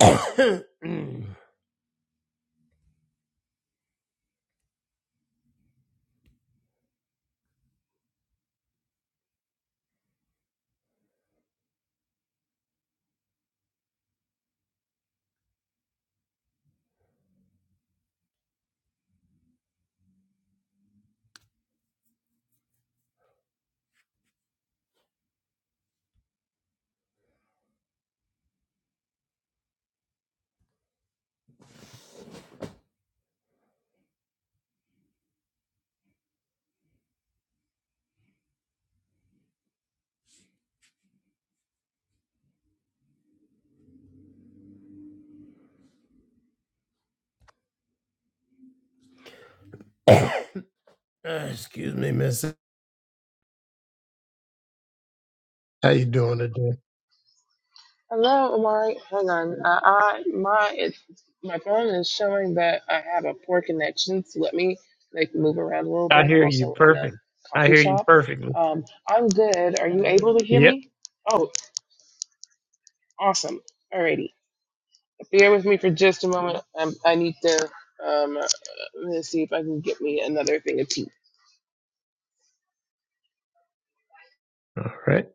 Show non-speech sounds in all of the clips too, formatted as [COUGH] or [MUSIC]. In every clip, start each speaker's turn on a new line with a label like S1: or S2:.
S1: [COUGHS] Uh, Excuse me, miss. How you doing today?
S2: Hello, Amari. Hang on. Uh, I my it's my phone is showing that I have a poor connection, so let me like move around a little
S1: I
S2: bit. I'm
S1: hear you
S2: also in a
S1: perfect. I
S2: coffee
S1: hear you
S2: shop.
S1: perfectly.
S2: Um, I'm good. Are you able to hear
S1: Yep.
S2: me? Oh, awesome. Alrighty. Bear with me for just a moment. i I need to um uh, let's see if I can get me another thing of tea.
S1: All right.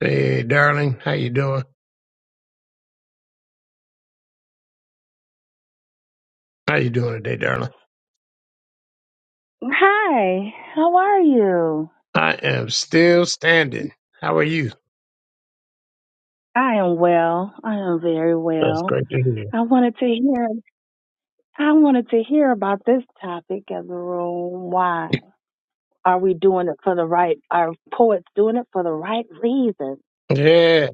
S1: Hey, darling. How you doing? How you doing today, darling?
S3: Hi, how are you?
S1: I am still standing. How are you?
S3: I am well. I am very
S1: That's
S3: well.
S1: great to
S3: I wanted to hear I wanted to hear about this topic as a room. Why
S1: hear.
S3: are we doing it for the right are poets doing it for the right reasons?
S1: Yeah,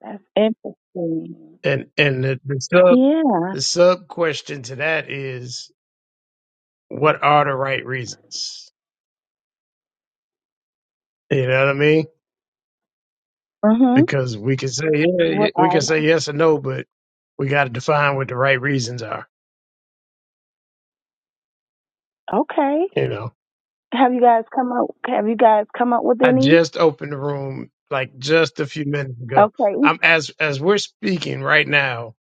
S3: That's interesting.
S1: and and the, the sub
S3: Yeah.
S1: the sub question to that is, what are the right reasons? You know what I mean?
S3: Mhm.
S1: Because we can say yeah, yeah,
S3: What
S1: we
S3: are
S1: can say yes or no, but we got to define what the right reasons are.
S3: okay.
S1: You know.
S3: Have you guys come up have you guys come up with
S1: I
S3: any?
S1: just opened the room like just a few minutes ago.
S3: Okay.
S1: I'm as as we're speaking right now,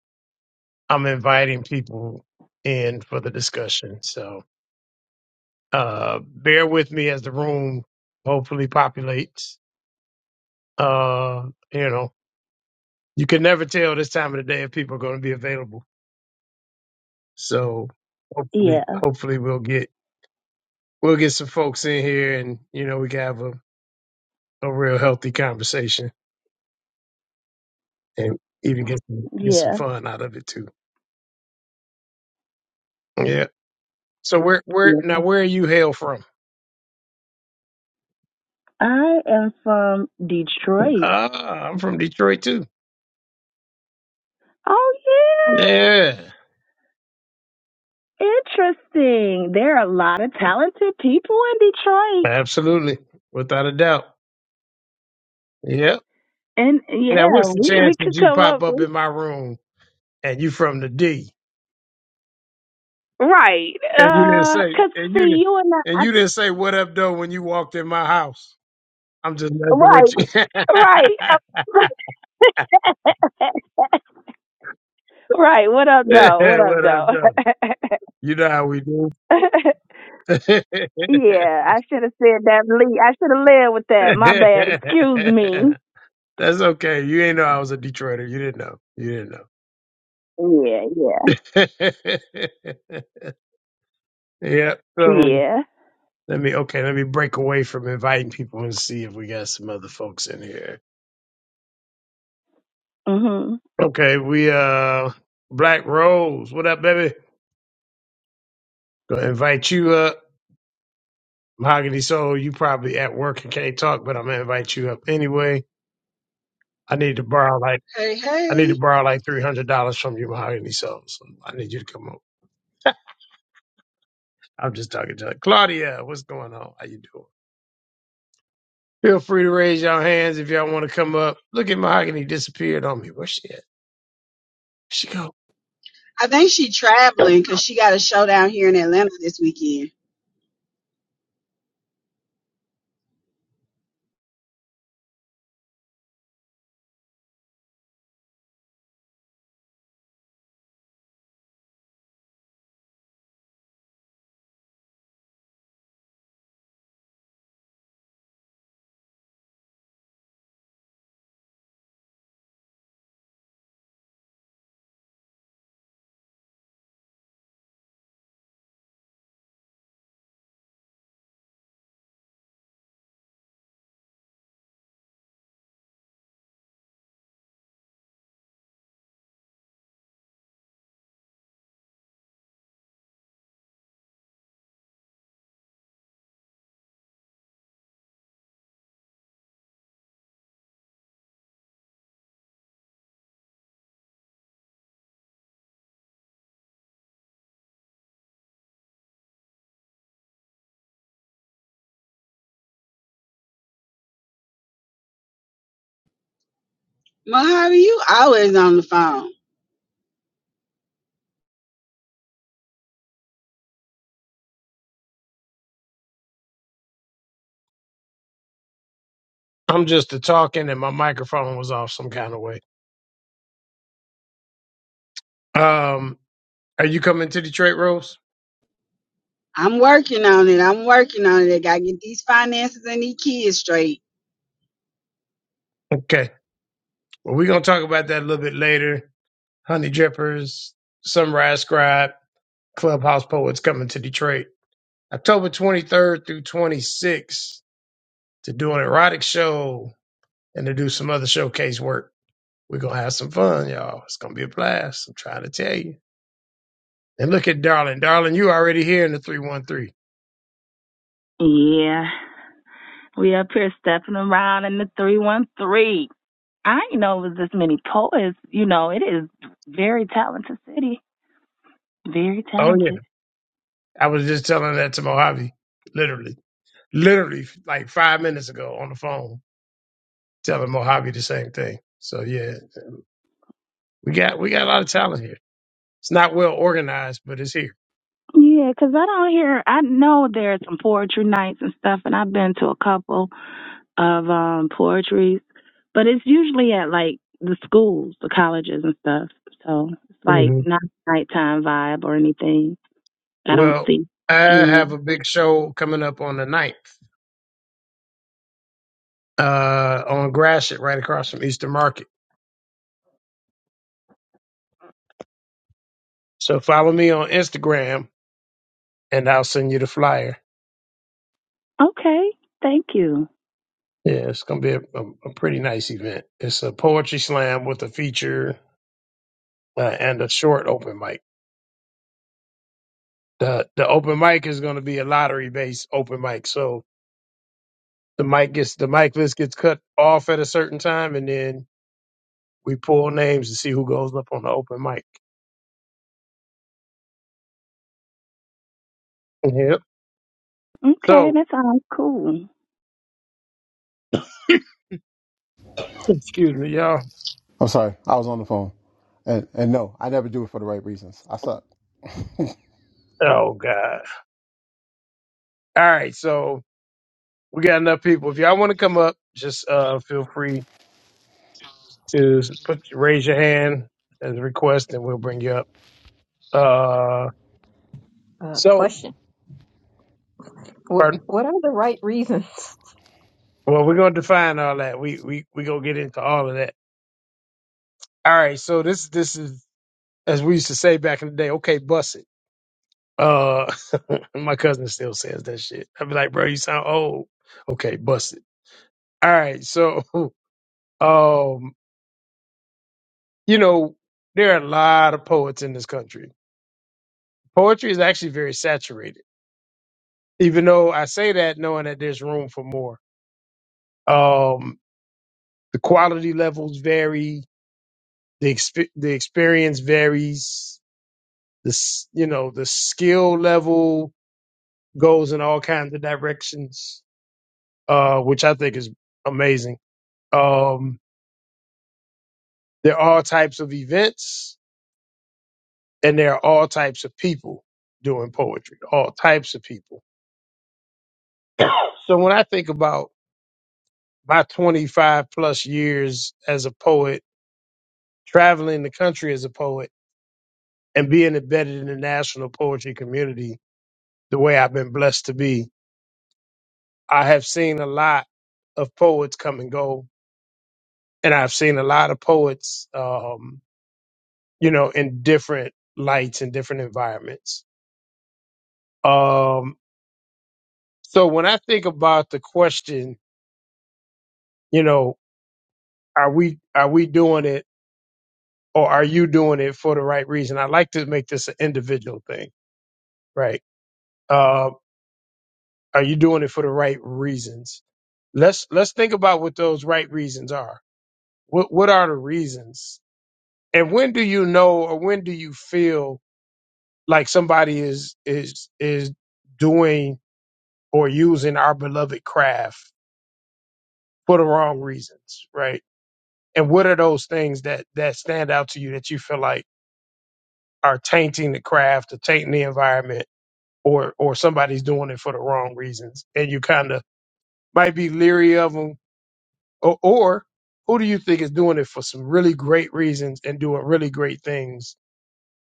S1: I'm inviting people in for the discussion. So uh bear with me as the room hopefully populates. Uh you know, you can never tell this time of the day if people are gonna be available. So hopefully
S3: Yeah.
S1: hopefully we'll get we'll get some folks in here and you know we can have a, a real healthy conversation and even get some, get some
S3: Yeah.
S1: fun out of it too. Yeah. So where where now
S3: Yeah.
S1: where are you hail from?
S3: I am from Detroit.
S1: Ah, I'm from Detroit too.
S3: Oh yeah.
S1: Yeah,
S3: Interesting. There are a lot of talented people in Detroit.
S1: absolutely, without a doubt. Yep.
S3: And
S1: Now,
S3: yeah,
S1: what's the
S3: we, we
S1: chances
S3: could
S1: you
S3: come
S1: pop
S3: up
S1: up
S3: with
S1: in my room and you from the D
S3: Right.
S1: and you didn't
S3: Uh,
S1: say
S3: cause
S1: and you
S3: see,
S1: didn't
S3: you and
S1: and
S3: I,
S1: you didn't say what up though when you walked in my house? I'm just
S3: I
S1: messing with you.
S3: right,
S1: [LAUGHS] yeah,
S3: right. [LAUGHS] Right. What up, though? What up,
S1: what up
S3: though?
S1: though? You know how we do.
S3: [LAUGHS] yeah, I should have said that. Lee. I should have led with that. My bad. Excuse me.
S1: [LAUGHS] That's okay. You ain't know I was a Detroiter. You didn't know. You didn't know.
S3: Yeah, yeah,
S1: yeah. So
S3: yeah.
S1: let me okay, let me break away from inviting people and see if we got some other folks in here.
S3: Mhm.
S1: Okay, we uh Black Rose, what up, baby? Gonna invite you up. Mahogany Soul, you probably at work and can't talk, but I'm gonna invite you up anyway. I need to borrow like
S4: Hey,
S1: I need to
S4: hey.
S1: borrow like three hundred dollars from you, Mahogany Soul. So I need you to come up. I'm just talking to Claudia. What's going on? How you doing? Feel free to raise your hands if y'all want to come up. Look at Mahogany disappeared on me. Where's she at? She go.
S4: I think she traveling because she got a show down here in Atlanta this weekend. Mojave, you always on the phone.
S1: I'm just a talking, and my microphone was off some kind of way. Um, are you coming to Detroit, Rose?
S4: I'm working on it. I'm working on it. I gotta get these finances and these kids straight.
S1: Okay. Well, we're gonna talk about that a little bit later. Honey Drippers, Sunrise Scribe, Clubhouse Poets coming to Detroit, October 23rd through 26th to do an erotic show and to do some other showcase work. We're gonna have some fun, y'all. It's gonna be a blast. I'm trying to tell you. And look at Darling. Darling, you already here in the 313.
S3: Yeah. We up here stepping around in the three one three. I didn't know it was this many poets. You know, it is very talented city. Very
S1: Oh
S3: talented.
S1: I was just telling that to Mojave, literally, literally like five minutes ago on the phone, telling Mojave the same thing. So yeah, we got we got a lot of talent here. It's not well organized, but it's here.
S3: Yeah, 'cause I don't hear. I know there's some poetry nights and stuff, and I've been to a couple of um poetries, but it's usually at like the schools, the colleges and stuff. So it's like
S1: hmm
S3: not nighttime vibe or anything. I don't
S1: Well,
S3: see.
S1: I
S3: Yeah.
S1: have a big show coming up on the ninth uh, on Gratiot, right across from Eastern Market. So follow me on Instagram, and I'll send you the flyer.
S3: Okay. Thank you.
S1: Yeah, it's gonna be a, a, a pretty nice event. It's a poetry slam with a feature uh, and a short open mic. the the open mic is going to be a lottery based open mic. So the mic gets the mic list gets cut off at a certain time, and then we pull names to see who goes up on the open mic. Yep.
S3: Okay,
S1: So
S3: that sounds cool.
S1: [LAUGHS] excuse me, y'all.
S5: I'm sorry, I was on the phone, and and no, I never do it for the right reasons. I suck.
S1: Oh God. All right. So we got enough people. If y'all want to come up, just uh feel free to put raise your hand as a request, and we'll bring you up. Uh.
S6: Uh,
S1: So
S6: question. What,
S1: pardon.
S6: what are the right reasons? [LAUGHS]
S1: Well, we're gonna define all that. We we we gonna get into all of that. All right. So this this is as we used to say back in the day, okay, bust it. Uh, [LAUGHS] my cousin still says that shit. I'd be like, bro, you sound old. Okay, bust it. All right, so, [LAUGHS] um, you know, there are a lot of poets in this country. Poetry is actually very saturated, even though I say that knowing that there's room for more. Um, the quality levels vary, the exp- the experience varies, the s- you know the skill level goes in all kinds of directions uh, which I think is amazing. Um, there are all types of events and there are all types of people doing poetry, all types of people. [CLEARS THROAT] so when I think about my 25 plus years as a poet, traveling the country as a poet, and being embedded in the national poetry community the way I've been blessed to be, I have seen a lot of poets come and go. And I've seen a lot of poets, um, you know, in different lights and different environments Um, so when I think about the question, you know, are we are we doing it or are you doing it for the right reason? I like to make this an individual thing, right? Uh, are you doing it for the right reasons? Let's let's think about what those right reasons are. What what are the reasons? And when do you know or when do you feel like somebody is is is doing or using our beloved craft for the wrong reasons, right? And what are those things that that stand out to you that you feel like are tainting the craft or tainting the environment or or somebody's doing it for the wrong reasons and you kind of might be leery of them or, or who do you think is doing it for some really great reasons and doing really great things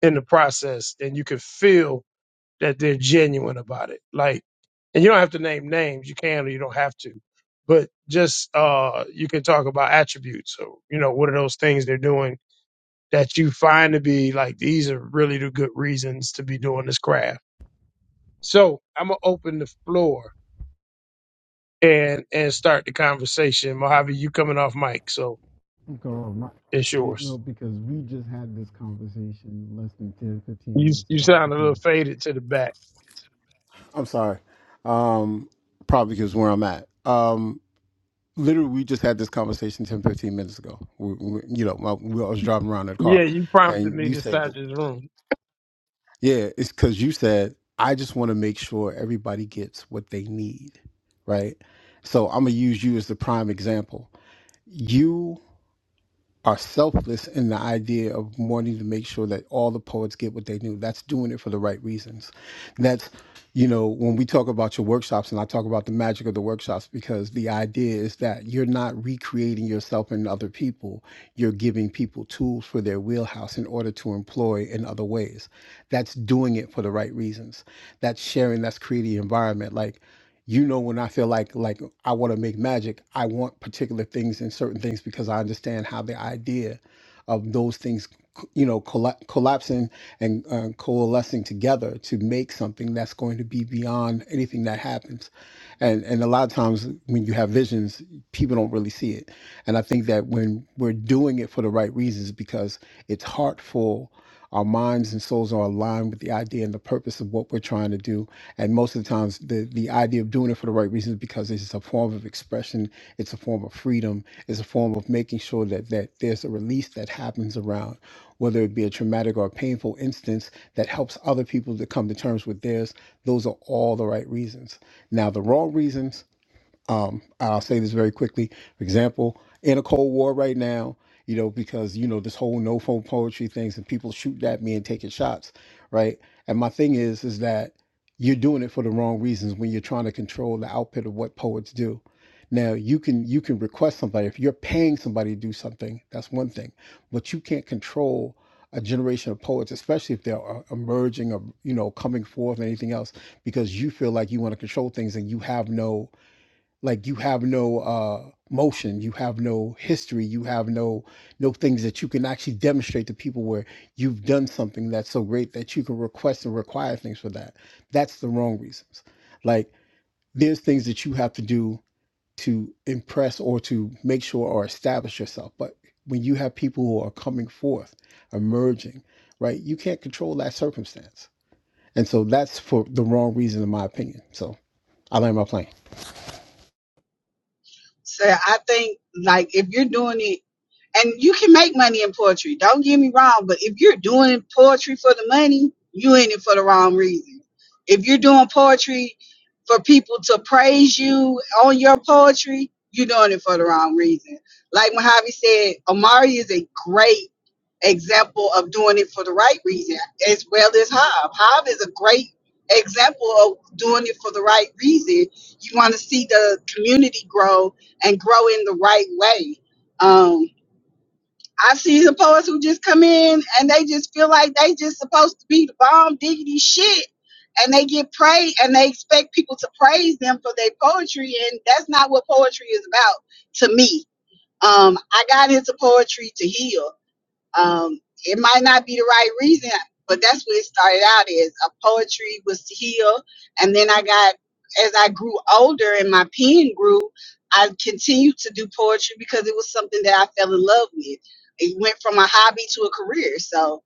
S1: in the process and you can feel that they're genuine about it like and you don't have to name names you can or you don't have to but just uh you can talk about attributes so you know what are those things they're doing that you find to be like these are really the good reasons to be doing this craft. So I'm gonna open the floor and and start the conversation. Mojave, you coming off mic, so
S5: Girl, my,
S1: it's
S5: you know,
S1: yours.
S5: because we just had this conversation less than 10,
S1: You
S5: 15 minutes
S1: you
S5: ago.
S1: sound a little
S5: Because
S1: faded to the back.
S5: I'm sorry. Um, probably because where I'm at. Um, literally, we just had this conversation 10, 15 minutes ago. We, we, you know, my, we, I was driving around in the car,
S1: Yeah, you prompted
S5: and
S1: me
S5: you
S1: to
S5: said,
S1: start
S5: Mhm.
S1: this room.
S5: "Yeah, it's because you said I just want to make sure everybody gets what they need, right?" So I'm gonna use you as the prime example. you are selfless in the idea of wanting to make sure that all the poets get what they knew. That's doing it for the right reasons. That's, you know, when we talk about your workshops, and I talk about the magic of the workshops, because the idea is that you're not recreating yourself in other people. You're giving people tools for their wheelhouse in order to employ in other ways. That's doing it for the right reasons. That's sharing, that's creating the environment. Like, you know when i feel like like i want to make magic i want particular things and certain things because i understand how the idea of those things c- you know colla- collapsing and uh, coalescing together to make something that's going to be beyond anything that happens and and a lot of times when you have visions people don't really see it. And I think that when we're doing it for the right reasons, because it's heartful, our minds and souls are aligned with the idea and the purpose of what we're trying to do. And most of the times, the, the idea of doing it for the right reasons because it's a form of expression, it's a form of freedom, it's a form of making sure that, that there's a release that happens around, whether it be a traumatic or a painful instance that helps other people to come to terms with theirs. Those are all the right reasons. Now, the wrong reasons, um, I'll say this very quickly. For example, in a Cold War right now, you know, because you know this whole no phone poetry things and people shooting at me and taking shots, right? And my thing is, is that you're doing it for the wrong reasons when you're trying to control the output of what poets do. Now you can you can request somebody if you're paying somebody to do something. That's one thing, but you can't control a generation of poets, especially if they're uh, emerging or you know coming forth and anything else, because you feel like you want to control things and you have no like you have no uh motion you have no history you have no no things that you can actually demonstrate to people where you've done something that's so great that you can request and require things for that that's the wrong reasons like there's things that you have to do to impress or to make sure or establish yourself but when you have people who are coming forth emerging right you can't control that circumstance and so that's for the wrong reason in my opinion so i land my plane
S4: So I think like if you're doing it and you can make money in poetry, don't get me wrong, but if you're doing poetry for the money, you in it for the wrong reason. If you're doing poetry for people to praise you on your poetry, you're doing it for the wrong reason. Like Mojave said, Amari is a great example of doing it for the right reason, as well as Hob. Hob is a great example of doing it for the right reason. You want to see the community grow and grow in the right way. Um, I see the poets who just come in and they just feel like they just supposed to be the bomb diggity shit. And they get praised and they expect people to praise them for their poetry. And that's not what poetry is about to me. Um, I got into poetry to heal. Um, it might not be the right reason, but that's what it started out as. A poetry was to heal, and then I got as I grew older and my pen grew, I continued to do poetry because it was something that I fell in love with. It went from a hobby to a career. So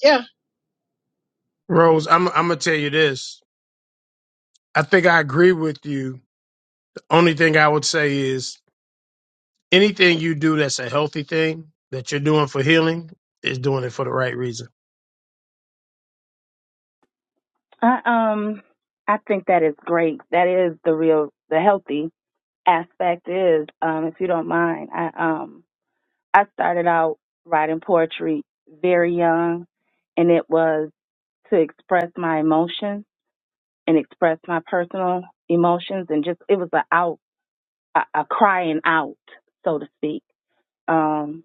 S4: yeah,
S1: Rose, I'm I'm gonna tell you this. I think I agree with you. The only thing I would say is anything you do that's a healthy thing that you're doing for healing is doing it for the right reason.
S3: I um I think that is great. That is the real the healthy aspect is um if you don't mind. I um I started out writing poetry very young and it was to express my emotions and express my personal emotions and just it was a out a, a crying out so to speak. Um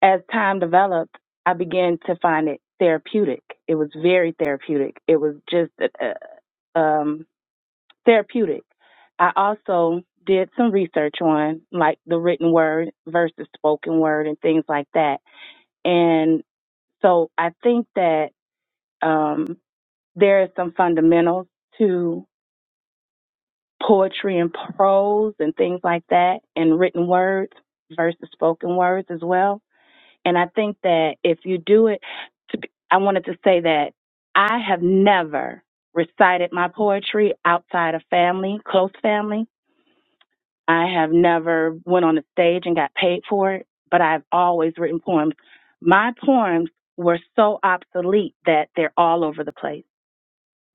S3: as time developed, I began to find it therapeutic. It was very therapeutic. It was just a, a- um therapeutic. I also did some research on like the written word versus spoken word and things like that. And so I think that um, there are some fundamentals to poetry and prose and things like that and written words versus spoken words as well. And I think that if you do it, to be, I wanted to say that I have never recited my poetry outside of family, close family I have never went on a stage and got paid for it, but I've always written poems. My poems were so obsolete that they're all over the place.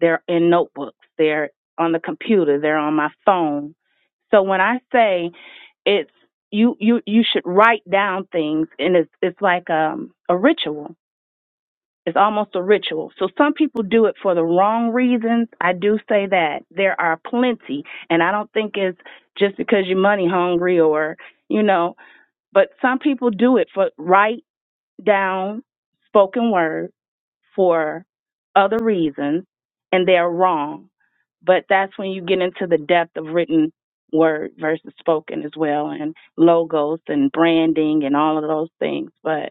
S3: They're in notebooks, they're on the computer, they're on my phone. So when I say it's you you you should write down things and it's it's like um a ritual it's almost a ritual. So some people do it for the wrong reasons. I do say that. There are plenty. And I don't think it's just because you're money hungry or, you know, but some people do it for write down spoken word for other reasons and they're wrong. But that's when you get into the depth of written word versus spoken as well and logos and branding and all of those things. But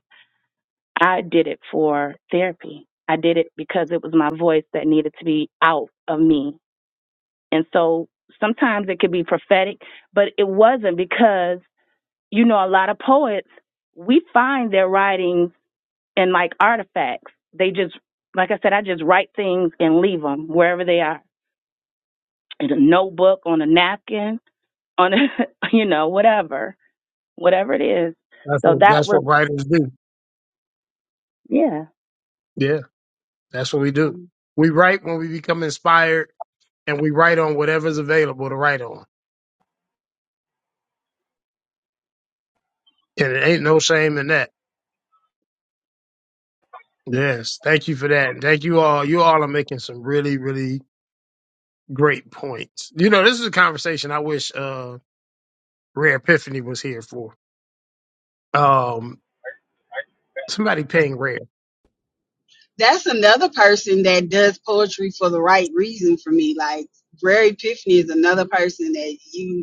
S3: I did it for therapy. I did it because it was my voice that needed to be out of me. And so sometimes it could be prophetic, but it wasn't because, you know, a lot of poets, we find their writings in like artifacts. They just, like I said, I just write things and leave them wherever they are in a notebook, on a napkin, on a, [LAUGHS] you know, whatever, whatever it is.
S1: That's
S3: So
S1: what
S3: that
S1: that's
S3: was,
S1: what writers do.
S3: yeah.
S1: Yeah. That's what we do. We write when we become inspired and we write on whatever's available to write on. And it ain't no shame in that. Yes. Thank you for that. And thank you all. You all are making some really, really great points. You know, this is a conversation I wish uh Rare Epiphany was here for. Um somebody paying rare.
S4: that's another person that does poetry for the right reason for me. Like Rare Epiphany is another person that you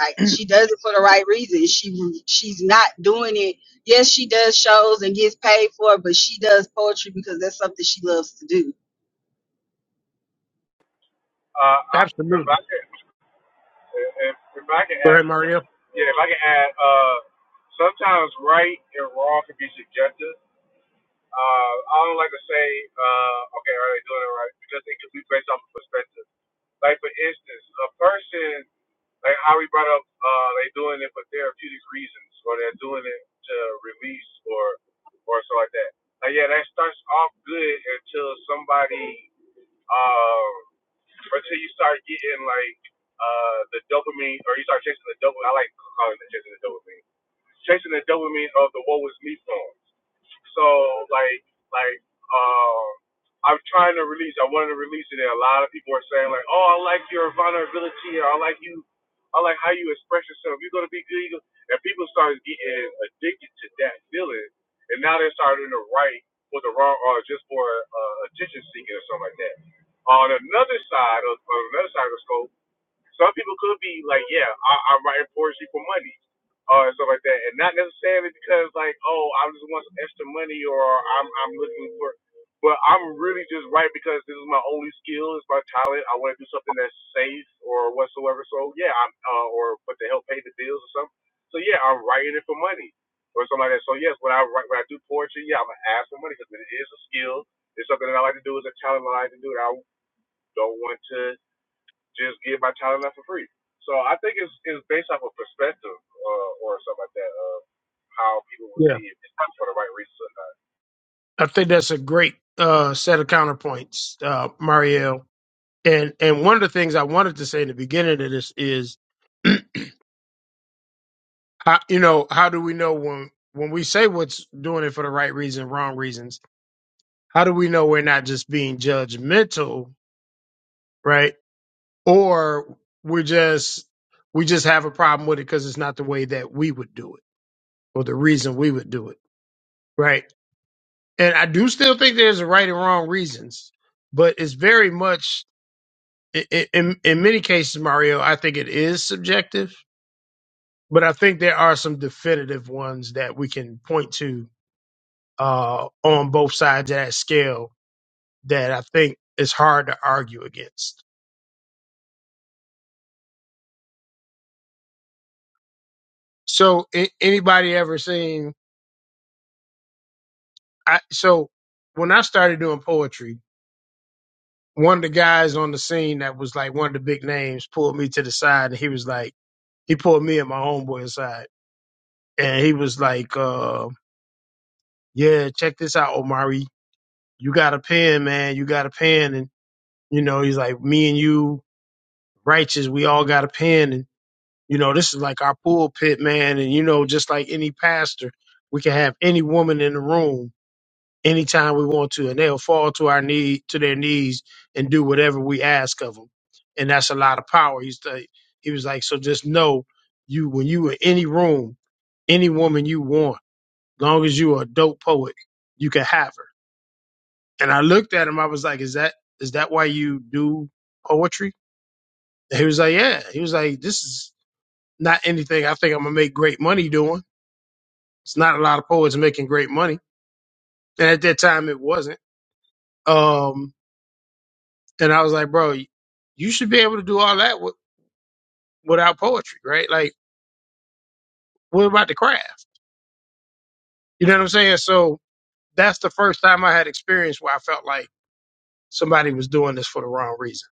S4: Like she does it for the right reasons. She she's not doing it. Yes, she does shows and gets paid for it, but she does poetry because that's something she loves to do.
S7: Uh, I, if
S1: Absolutely.
S7: I can, if, if I can
S1: Go
S7: add,
S1: ahead, Marielle.
S7: yeah, if I can add, uh, sometimes right and wrong can be subjective. Uh, I don't like to say, uh, okay, are they doing it right? Because it could be based off of perspective. Like for instance, a person, like how we brought up, uh, they doing it for therapeutic reasons, or they're doing it to release, or, or so like that. Like yeah, that starts off good until somebody. um until you start getting like uh the dopamine, or you start chasing the dopamine. I like calling it chasing the dopamine chasing the dopamine of the "Woe Is Me" songs. So like like um, I'm trying to release. I wanted to release it, and a lot of people are saying like, "Oh, I like your vulnerability. I like you. I like how you express yourself. You're gonna be good." And people started getting addicted to that feeling, and now they're starting to write for the wrong or just for uh, attention seeking or something like that. On another side of on another side of the scope some people could be like, yeah, I, I'm writing poetry for money, uh, and stuff like that, and not necessarily because like, oh, I just want some extra money or I'm I'm looking for, but I'm really just writing because this is my only skill, it's my talent. I want to do something that's safe or whatsoever. So yeah, I'm uh, or but to help pay the bills or something. So yeah, I'm writing it for money or something like that. So yes, when I write, when I do poetry, yeah, I'm gonna ask for money because it is a skill. It's something that I like to do. It's a talent I like to do. And I don't want to just give my child enough for free. So I think it's, it's based off of perspective uh, or something like that of how people will
S1: Yeah.
S7: see if it's for the right reasons or not.
S1: I think that's a great uh set of counterpoints, uh, Marielle. And and one of the things I wanted to say in the beginning of this is [CLEARS THROAT] How, you know, how do we know when when we say what's doing it for the right reason, wrong reasons? How do we know we're not just being judgmental, right? Or we're just we just have a problem with it because it's not the way that we would do it or the reason we would do it, right? And I do still think there's a right and wrong reasons, but it's very much i- i- in in many cases, Mario. I think it is subjective, but I think there are some definitive ones that we can point to uh, on both sides of that scale that I think is hard to argue against. So, a- anybody ever seen? I, so, when I started doing poetry, one of the guys on the scene that was like one of the big names pulled me to the side, and he was like, he pulled me and my homeboy aside, and he was like, uh, "Yeah, check this out, Omari. You got a pen, man. You got a pen." And you know, he's like, "Me and you, righteous. We all got a pen." And You know, this is like our pulpit, man. And, you know, just like any pastor, we can have any woman in the room anytime we want to, and they'll fall to our knee, to their knees and do whatever we ask of them. And that's a lot of power. He's like, he was like, so just know you, when you in any room, any woman you want, long as you are a dope poet, you can have her. And I looked at him, I was like, Is that is that why you do poetry? And he was like, Yeah. He was like, This is not anything I think I'm gonna make great money doing It's not a lot of poets making great money. And at that time, it wasn't. Um, and I was like, bro, you should be able to do all that with, without poetry, right? Like, what about the craft? You know what I'm saying? So that's the first time I had experience where I felt like somebody was doing this for the wrong reason.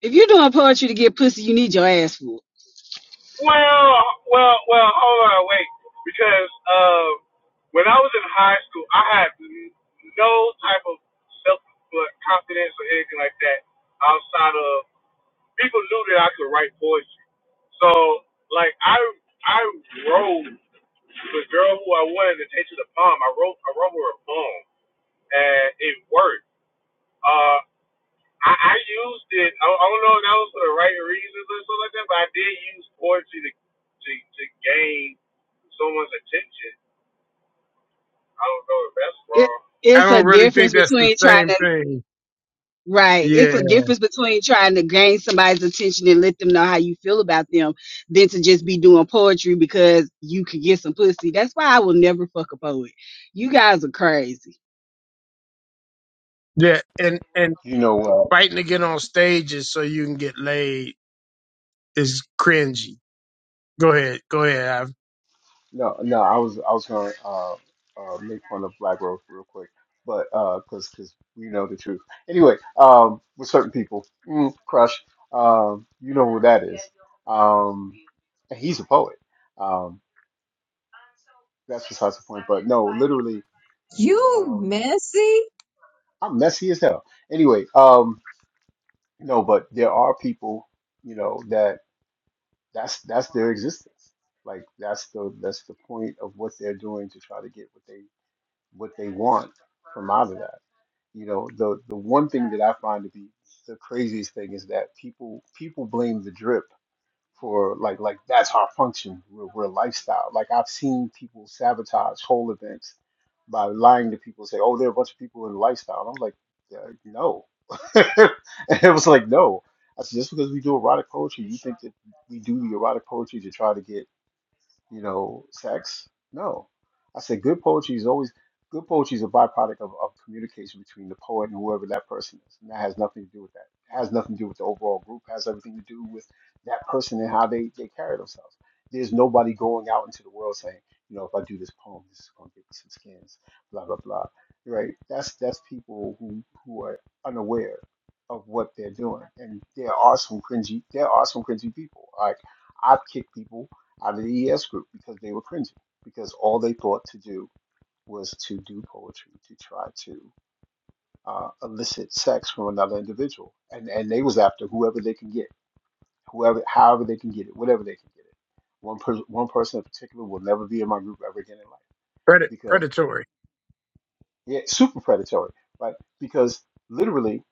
S4: If you're doing poetry to get pussy, you need your ass full.
S7: Well, well, well. Hold on, wait. Because uh, when I was in high school, I had no type of self like, confidence or anything like that outside of people knew that I could write poetry. So, like, I I wrote the girl who I wanted to take to the prom. I wrote I wrote her a poem. and it worked. Uh, I, I used it. I, I don't know if that was for the right reasons or something like that, but I did use poetry to to, to gain someone's attention. I don't know if that's
S4: It
S7: wrong.
S1: I
S4: it's a
S1: don't really think
S4: difference
S1: that's the
S4: between trying
S1: same
S4: to
S1: thing.
S4: right. It's
S1: Yeah.
S4: a difference between trying to gain somebody's attention and let them know how you feel about them than to just be doing poetry because you could get some pussy. That's why I will never fuck a poet. You guys are crazy.
S1: Yeah. And, and
S5: You know,
S1: fighting to get on stages so you can get laid is cringy. Go ahead. Go ahead. I've,
S5: No, no, I was I was gonna uh, uh, make fun of Black Rose real quick, but uh, cause 'cause we know the truth. Anyway, um, with certain people, mm, Crush, um, you know who that is. Um, and he's a poet. Um, that's besides the point. But no, literally,
S6: You
S5: um,
S6: messy
S5: I'm messy as hell. Anyway, um, no, but there are people, you know, that that's that's their existence. Like that's the that's the point of what they're doing to try to get what they what they want from out of that. You know, the the one thing that I find to be the craziest thing is that people people blame the drip for like like that's our function. We're, we're a lifestyle. Like I've seen people sabotage whole events by lying to people. Say, oh, there are a bunch of people in the lifestyle. And I'm like, uh, no. [LAUGHS] and it was like, no. I said, just because we do erotic poetry, you think that we do the erotic poetry to try to get you know, sex. No. I said good poetry is always good poetry is a byproduct of, of communication between the poet and whoever that person is. And that has nothing to do with that. It has nothing to do with the overall group, it has everything to do with that person and how they, they carry themselves. There's nobody going out into the world saying, you know, if I do this poem, this is gonna get me some skins, blah blah blah. Right? That's that's people who, who are unaware of what they're doing. And there are some cringy there are some cringy people. Like I've kicked people out of the ES group because they were cringing, because all they thought to do was to do poetry to try to uh, elicit sex from another individual, and and they was after whoever they can get, whoever, however they can get it, whatever they can get it. One person, one person in particular, will never be in my group ever again in life
S1: Pred-
S5: because
S1: predatory.
S5: yeah, super predatory, right? Because literally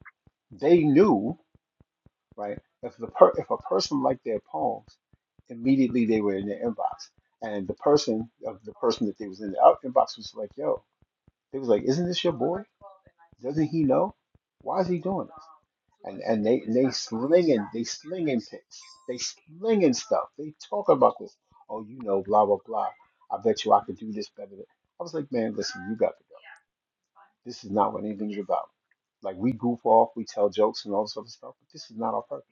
S5: they knew. right? If the per- if a person liked their poems, immediately they were in their inbox, and the person of the person that they was in the out- inbox was like, "Yo," they was like, "Isn't this your boy? Doesn't he know? Why is he doing this?" And and they and they slinging they slinging pics, they slinging stuff. They talk about this. Oh, you know, blah blah blah. I bet you I could do this better. Than-. I was like, man, listen, you got to go. This is not what anything's about. Like we goof off, we tell jokes and all this other stuff, but this is not our purpose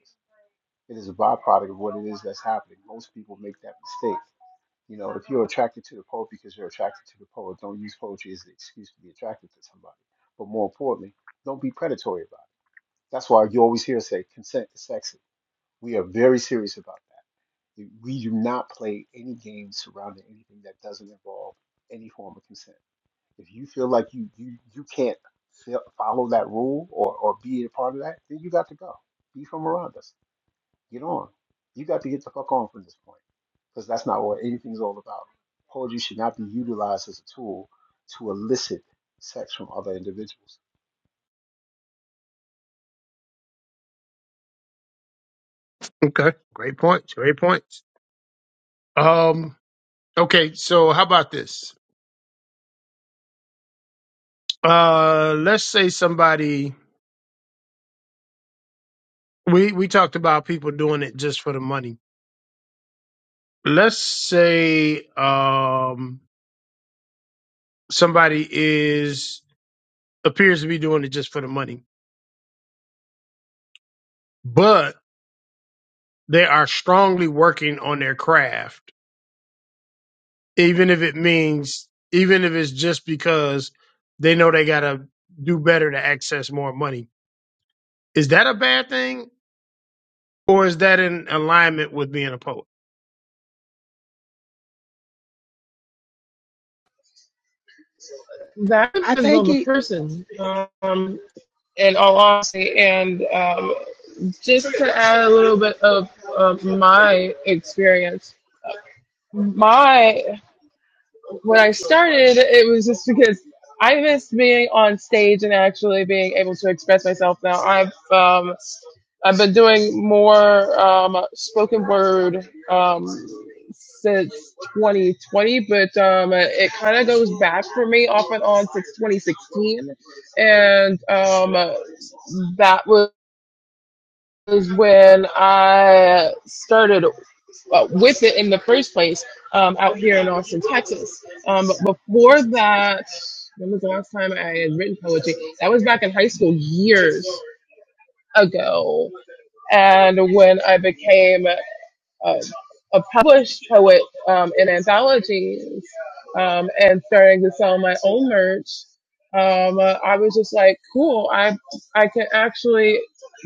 S5: it is a byproduct of what it is that's happening. Most people make that mistake. You know, if you're attracted to the poet because you're attracted to the poet, don't use poetry as an excuse to be attracted to somebody. But more importantly, don't be predatory about it. That's why you always hear say consent is sexy. We are very serious about that. We do not play any games surrounding anything that doesn't involve any form of consent. If you feel like you you you can't feel, follow that rule or or be a part of that, then you got to go. Be from around us. Get on. You got to get the fuck on from this point because that's not what anything's all about. Poetry should not be utilized as a tool to elicit sex from other individuals.
S1: Okay. Great points. Great points. Um, Okay, so how about this? Uh let's say somebody we we talked about people doing it just for the money. Let's say um somebody is appears to be doing it just for the money, but they are strongly working on their craft, even if it means even if it's just because they know they got to do better to access more money. Is that a bad thing or is that in alignment with being a poet?
S2: That
S4: I
S2: depends
S4: think
S2: on the
S4: it
S2: person. Um, in all honesty, and um, just to add a little bit of uh, my experience my when i started it was just because i missed being on stage and actually being able to express myself now i've um, i've been doing more um, spoken word um, since 2020 but um, it kind of goes back for me off and on since 2016 and um, that was was when I started uh, with it in the first place um, out here in Austin, Texas. Um, but before that, when was the last time I had written poetry? That was back in high school years ago. And when I became uh, a published poet um, in anthologies um, and starting to sell my own merch, um, uh, I was just like, cool, I I can actually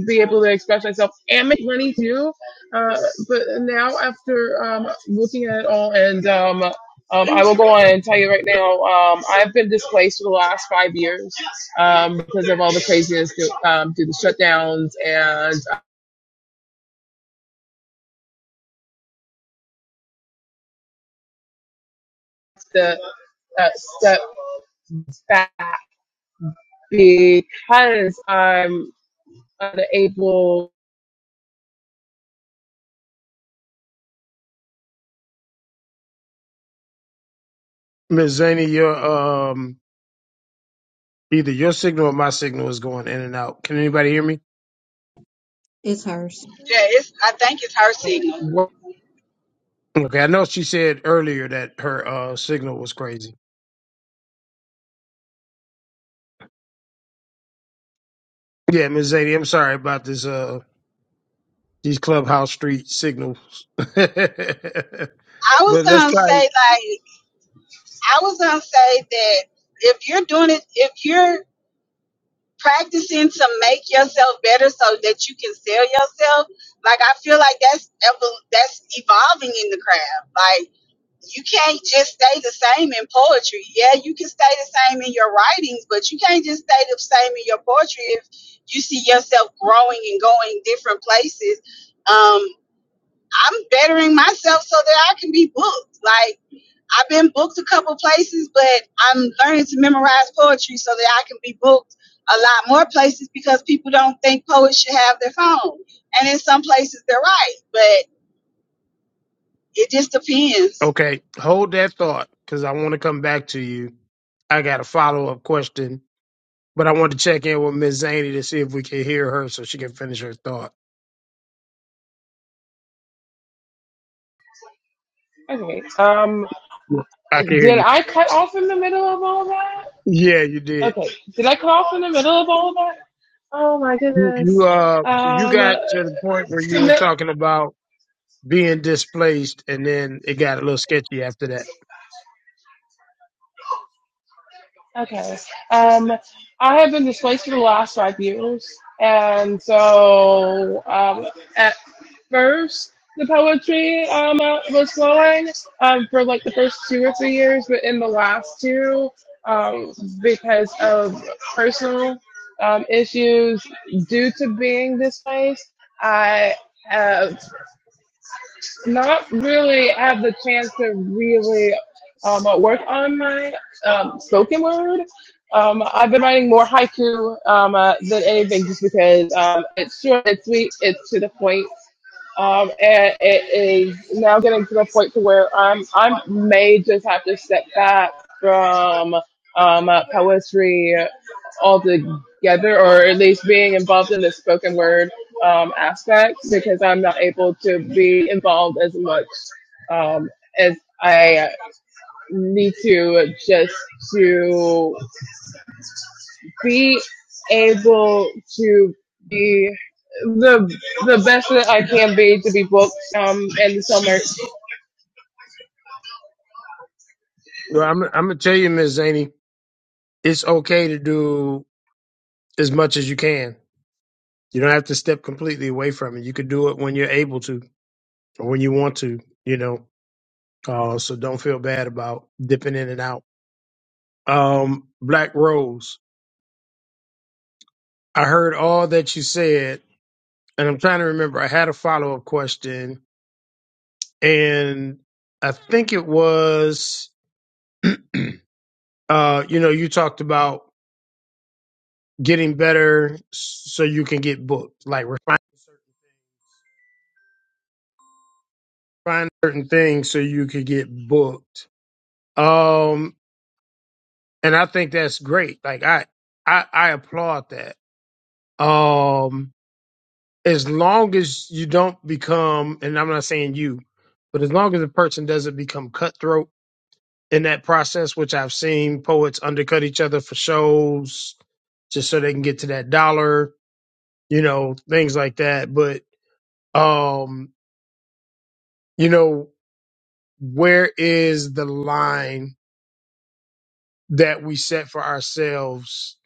S2: be able to express myself and make money too. Uh, but now after um, looking at it all and um, um, I will go on and tell you right now, um, I've been displaced for the last five years um, because of all the craziness due, um, due to shutdowns and uh, the uh, step back because I'm unable.
S1: Miss Zaney, your um Either your signal or my signal is going in and out. Can anybody hear me?
S6: is hers.
S4: yeah, it's I think it's her signal.
S1: Okay, I know she said earlier that her uh, signal was crazy. Yeah, Ms. Zadie, I'm sorry about this. Uh, these clubhouse street signals. [LAUGHS] but
S4: I was
S1: let's
S4: gonna
S1: try.
S4: say like I was gonna say that if you're doing it, if you're practicing to make yourself better so that you can sell yourself, like I feel like that's evo- that's evolving in the craft. Like you can't just stay the same in poetry. Yeah, you can stay the same in your writings, but you can't just stay the same in your poetry if you see yourself growing and going different places. Um, I'm bettering myself so that I can be booked. Like I've been booked a couple places, but I'm learning to memorize poetry so that I can be booked a lot more places because people don't think poets should have their phone. And in some places they're right, but it just depends.
S1: Okay, hold that thought because I want to come back to you. I got a follow up question, but I want to check in with Miss Zaney to see if we can hear her so she can finish her thought.
S2: Okay. Um,
S1: Yeah, I can hear
S2: did
S1: you.
S2: I cut off in the middle of all that?
S1: Yeah, you did.
S2: Okay. Did I cut off in the middle of all that? Oh my
S1: You, you
S2: goodness.
S1: uh, you
S2: Um,
S1: got to the point where you were talking about being displaced, and then it got a little sketchy after that.
S2: Okay. Um, I have been displaced for the last five years, and so um, first the poetry um uh, was flowing um for like the first two or three years, but in the last two, um because of personal um issues due to being displaced, I have not really had the chance to really um uh, work on my um spoken word. Um, I've been writing more haiku um, uh, than anything, just because um, it's short, it's sweet, it's to the point, um, and it is now getting to the point to where I'm I may just have to step back from um, uh, poetry altogether, or at least being involved in the spoken word um, aspect, because I'm not able to be involved as much um, as I need to just to be able to be the the best that I can be to be booked um in the summer
S1: Well, I'm, I'm gonna tell you, Ms. Zaney, it's okay to do as much as you can. You don't have to step completely away from it. You could do it when you're able to or when you want to. You know, uh, so don't feel bad about dipping in and out. Um, Black Rose, I heard all that you said, and I'm trying to remember. I had a follow up question, and I think it was, [CLEARS THROAT] uh, you know, you talked about getting better so you can get booked, like refining certain, refining certain things so you could get booked. Um, and I think that's great. Like I, I, I applaud that. Um, as long as you don't become, and I'm not saying you, but as long as a person doesn't become cutthroat in that process, which I've seen poets undercut each other for shows just so they can get to that dollar, you know, things like that. But, um, you know, where is the line that we set for ourselves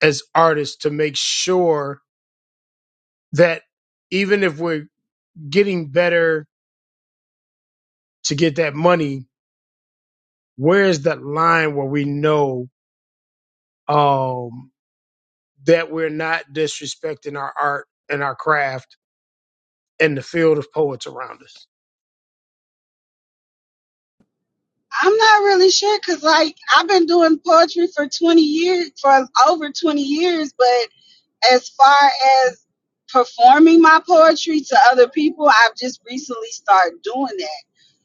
S1: as artists to make sure that even if we're getting better to get that money, where is that line where we know um, that we're not disrespecting our art and our craft and the field of poets around us?
S4: I'm not really sure because, like, I've been doing poetry for 20 years, for over 20 years, but as far as performing my poetry to other people, I've just recently started doing that.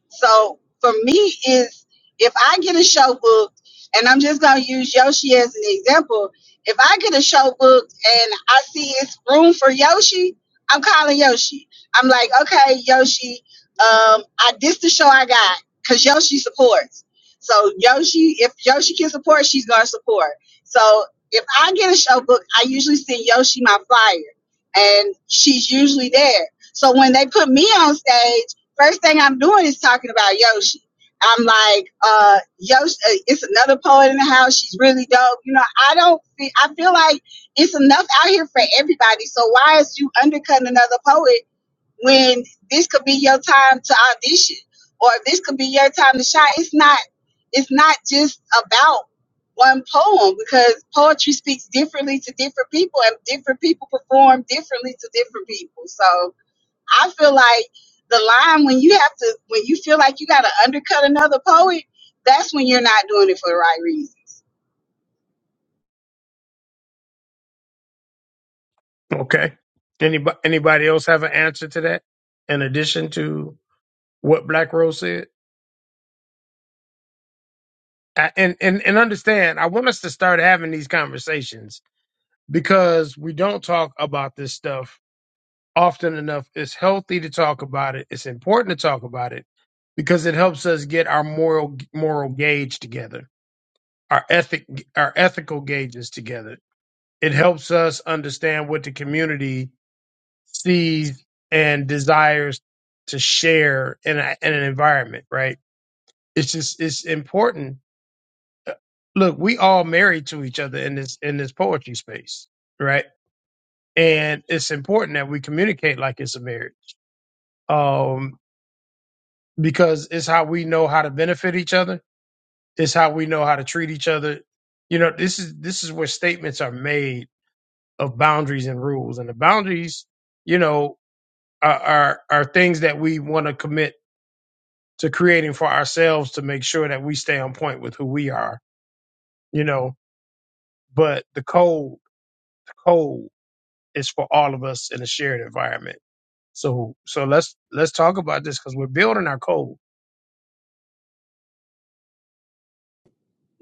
S4: So for me is if I get a show booked, and I'm just gonna use Yoshi as an example. If I get a show booked and I see it's room for Yoshi, I'm calling Yoshi. I'm like, okay, Yoshi, um, I this the show I got because Yoshi supports. So Yoshi, if Yoshi can support, she's gonna support. So if I get a show booked, I usually send Yoshi my flyer, and she's usually there. So when they put me on stage first thing I'm doing is talking about Yoshi. I'm like, uh, Yoshi, uh, it's another poet in the house. She's really dope. You know, I don't, fe- I feel like it's enough out here for everybody. So why is you undercutting another poet when this could be your time to audition or this could be your time to shine? It's not, it's not just about one poem because poetry speaks differently to different people and different people perform differently to different people. So, I feel like the line when you have to when you feel like you gotta undercut another poet, that's when you're not doing it for the right reason.
S1: Okay. Anybody, anybody else have an answer to that in addition to what Black Rose said? I- and and and understand i want us to start having these conversations because we don't talk about this stuff often enough it's healthy to talk about it it's important to talk about it because it helps us get our moral moral gauge together our ethic our ethical gauges together it helps us understand what the community sees and desires to share in, a, in an environment right it's just it's important look, we all married to each other in this in this poetry space, right? And it's important that we communicate like it's a marriage, um, because it's how we know how to benefit each other. It's how we know how to treat each other. You know, this is this is where statements are made of boundaries and rules, and the boundaries, you know, are are, are things that we want to commit to creating for ourselves to make sure that we stay on point with who we are. You know, but the code, the code. It's for all of us in a shared environment. So so let's let's talk about this because we're building our code.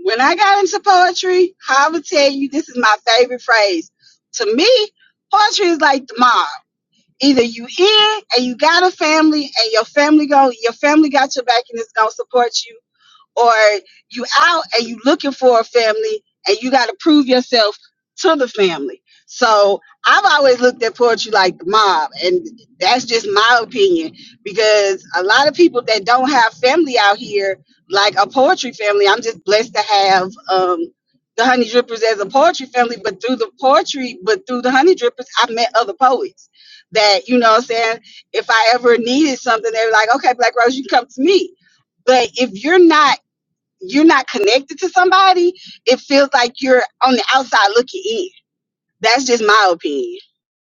S4: When I got into poetry, I would tell you this is my favorite phrase. To me, poetry is like the mob. Either you in and you got a family and your family go your family got your back and it's gonna support you or you out and you looking for a family and you got to prove yourself to the family. So I've always looked at poetry like the mob, and that's just my opinion because a lot of people that don't have family out here, like a poetry family, I'm just blessed to have um, the Honey Drippers as a poetry family. But through the poetry, but through the Honey Drippers, I met other poets that you know what I'm saying. If I ever needed something, they were like, "Okay, Black Rose, you can come to me." But if you're not you're not connected to somebody, it feels like you're on the outside looking in. That's just my opinion.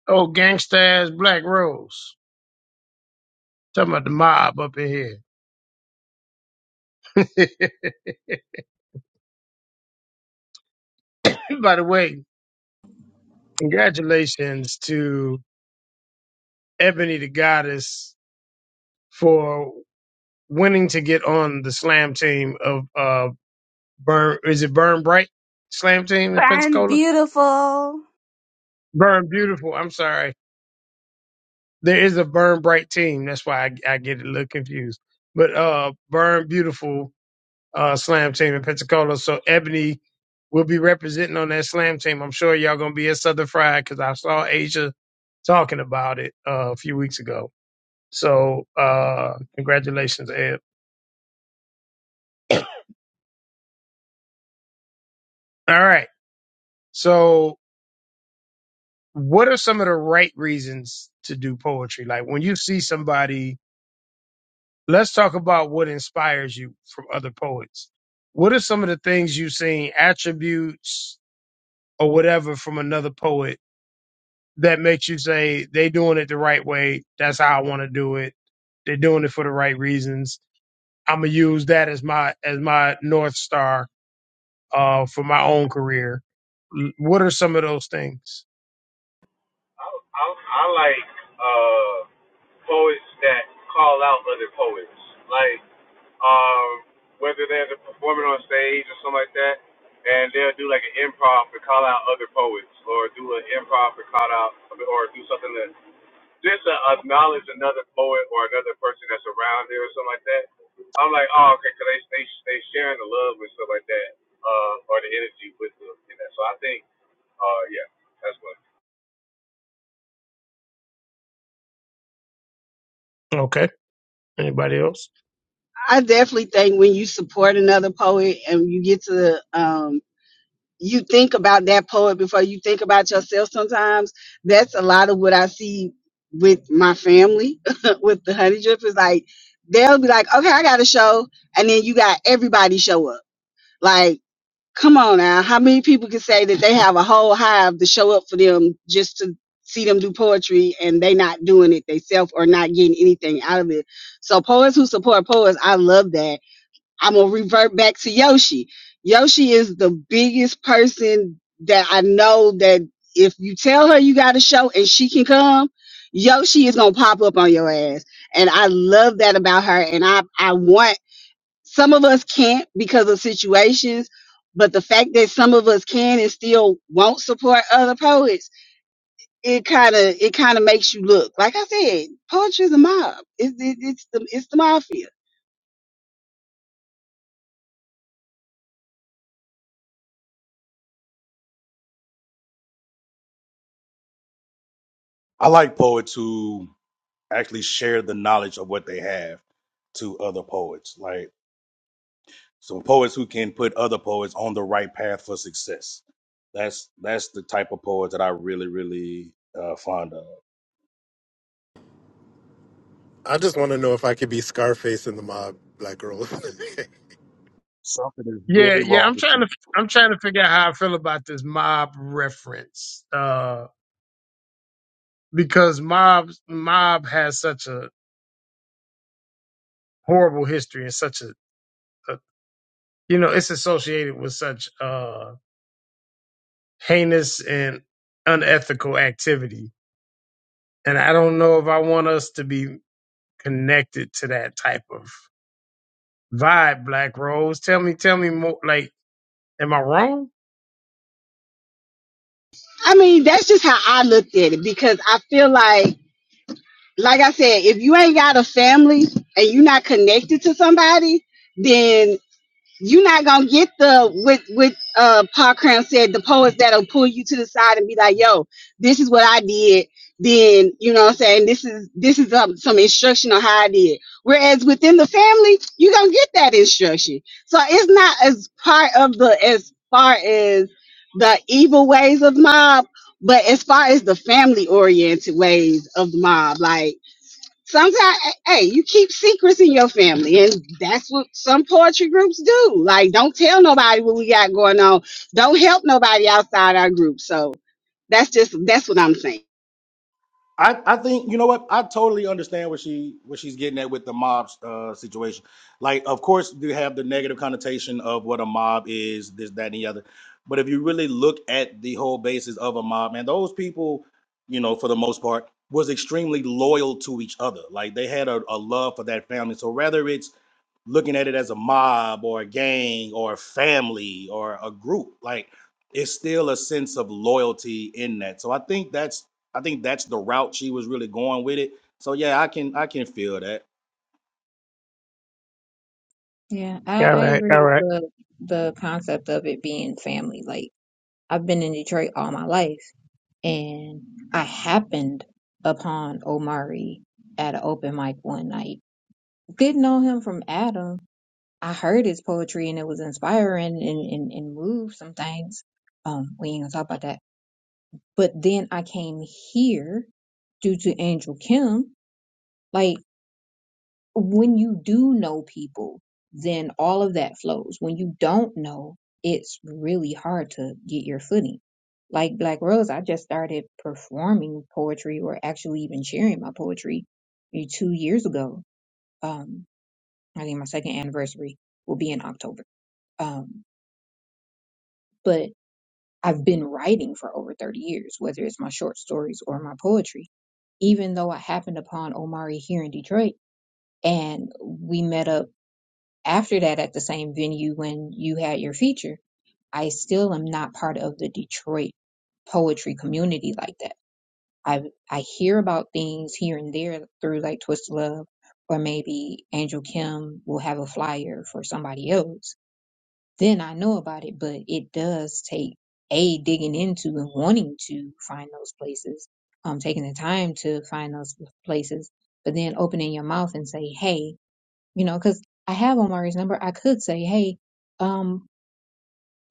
S1: Oh, gangsters, Black Rose. Talking about the mob up in here. [LAUGHS] By the way, congratulations to Ebony the Goddess for winning to get on the slam team of uh Burn is it Burn Bright slam team in
S8: Fine,
S1: Pensacola?
S8: beautiful.
S1: Burn Beautiful, I'm sorry. There is a Burn Bright team. That's why I, I get a little confused. But uh Burn Beautiful uh, slam team in Pensacola. So Ebony will be representing on that slam team. I'm sure y'all gonna be at Southern Fried because I saw Asia talking about it uh, a few weeks ago. So uh, congratulations, Eb. All right. So what are some of the right reasons to do poetry? Like when you see somebody, let's talk about what inspires you from other poets. What are some of the things you've seen, attributes or whatever from another poet that makes you say they doing it the right way. That's how I want to do it. They're doing it for the right reasons. I'm gonna use that as my as my north star uh, for my own career. L- What are some of those things?
S7: I I, I like uh, poets that call out other poets, like um, whether they're performing on stage or something like that, and they'll do like an improv to call out other poets, or do an improv to call out, or do something to just to acknowledge another poet or another person that's around there or something like that. I'm like, oh, okay, cause they, they they sharing the love and stuff like that, uh, or the energy with them. You know? So I think, uh, yeah, that's what.
S1: Okay. Anybody else?
S4: I definitely think when you support another poet and you get to um you think about that poet before you think about yourself sometimes. That's a lot of what I see with my family [LAUGHS] with the honey drip is like they'll be like, Okay, I got a show and then you got everybody show up. Like Come on now. How many people can say that they have a whole hive to show up for them just to see them do poetry and they not doing it themselves or not getting anything out of it? So poets who support poets, I love that. I'm gonna revert back to Yoshi. Yoshi is the biggest person that I know that if you tell her you got a show and she can come, Yoshi is gonna pop up on your ass. And I love that about her. And I I want some of us can't because of situations, but the fact that some of us can and still won't support other poets, it kind of it kind of makes you look. Like I said, poetry is a mob. It's it, it's the it's the mafia.
S9: I like poets who actually share the knowledge of what they have to other poets. Like some poets who can put other poets on the right path for success. That's that's the type of poet that I really, really uh, fond of.
S10: I just want to know if I could be Scarface in the mob, black girl. [LAUGHS]
S9: Something is
S1: Yeah,
S9: really
S1: yeah.
S9: wrong
S1: I'm
S9: with
S1: trying
S9: you.
S1: to I'm trying to figure out how I feel about this mob reference uh, because mob mob has such a horrible history and such a, a you know it's associated with such. uh, heinous and unethical activity. And I don't know if I want us to be connected to that type of vibe, Black Rose. Tell me, tell me more. Like, am I wrong?
S4: I mean, that's just how I looked at it because I feel like, like I said, if you ain't got a family and you're not connected to somebody. then. you're not gonna get the what what uh Paul Cram said, the poets that'll pull you to the side and be like, yo, this is what I did. Then you know what I'm saying this is this is um, some instruction on how I did. Whereas within the family, you're gonna get that instruction. So it's not as part of the as far as the evil ways of mob, but as far as the family oriented ways of the mob, like sometimes hey you keep secrets in your family and that's what some poetry groups do like don't tell nobody what we got going on don't help nobody outside our group so that's just that's what i'm saying
S9: I, I think you know what I totally understand what she what she's getting at with the mob uh, situation. Like, of course, you have the negative connotation of what a mob is, this, that, and the other. But if you really look at the whole basis of a mob, man, those people, you know, for the most part, was extremely loyal to each other. Like, they had a, a love for that family. So whether it's looking at it as a mob or a gang or a family or a group. Like it's still a sense of loyalty in that. So I think that's I think that's the route she was really going with it. So yeah, I can I can feel that.
S6: Yeah, I,
S1: All
S6: I
S1: right,
S6: agree
S1: all
S6: with
S1: right.
S6: the the concept of it being family. Like I've been in Detroit all my life, and I happened upon Omari at an open mic one night. Didn't know him from Adam. I heard his poetry and it was inspiring and, and, and moved some things. Um, we ain't gonna talk about that. But then I came here due to Angel Kim. Like when you do know people, then all of that flows. When you don't know, it's really hard to get your footing. Like Black Rose, I just started performing poetry or actually even sharing my poetry maybe two years ago. Um, I think my second anniversary will be in October. Um, but I've been writing for over 30 years, whether it's my short stories or my poetry, even though I happened upon Omari here in Detroit and we met up after that at the same venue when you had your feature, I still am not part of the Detroit poetry community like that. I I hear about things here and there through like Twisted Love or maybe Angel Kim will have a flyer for somebody else. Then I know about it, but it does take a digging into and wanting to find those places, um, taking the time to find those places, but then opening your mouth and say, "Hey, you know, because I have Omari's number. I could say, hey, um,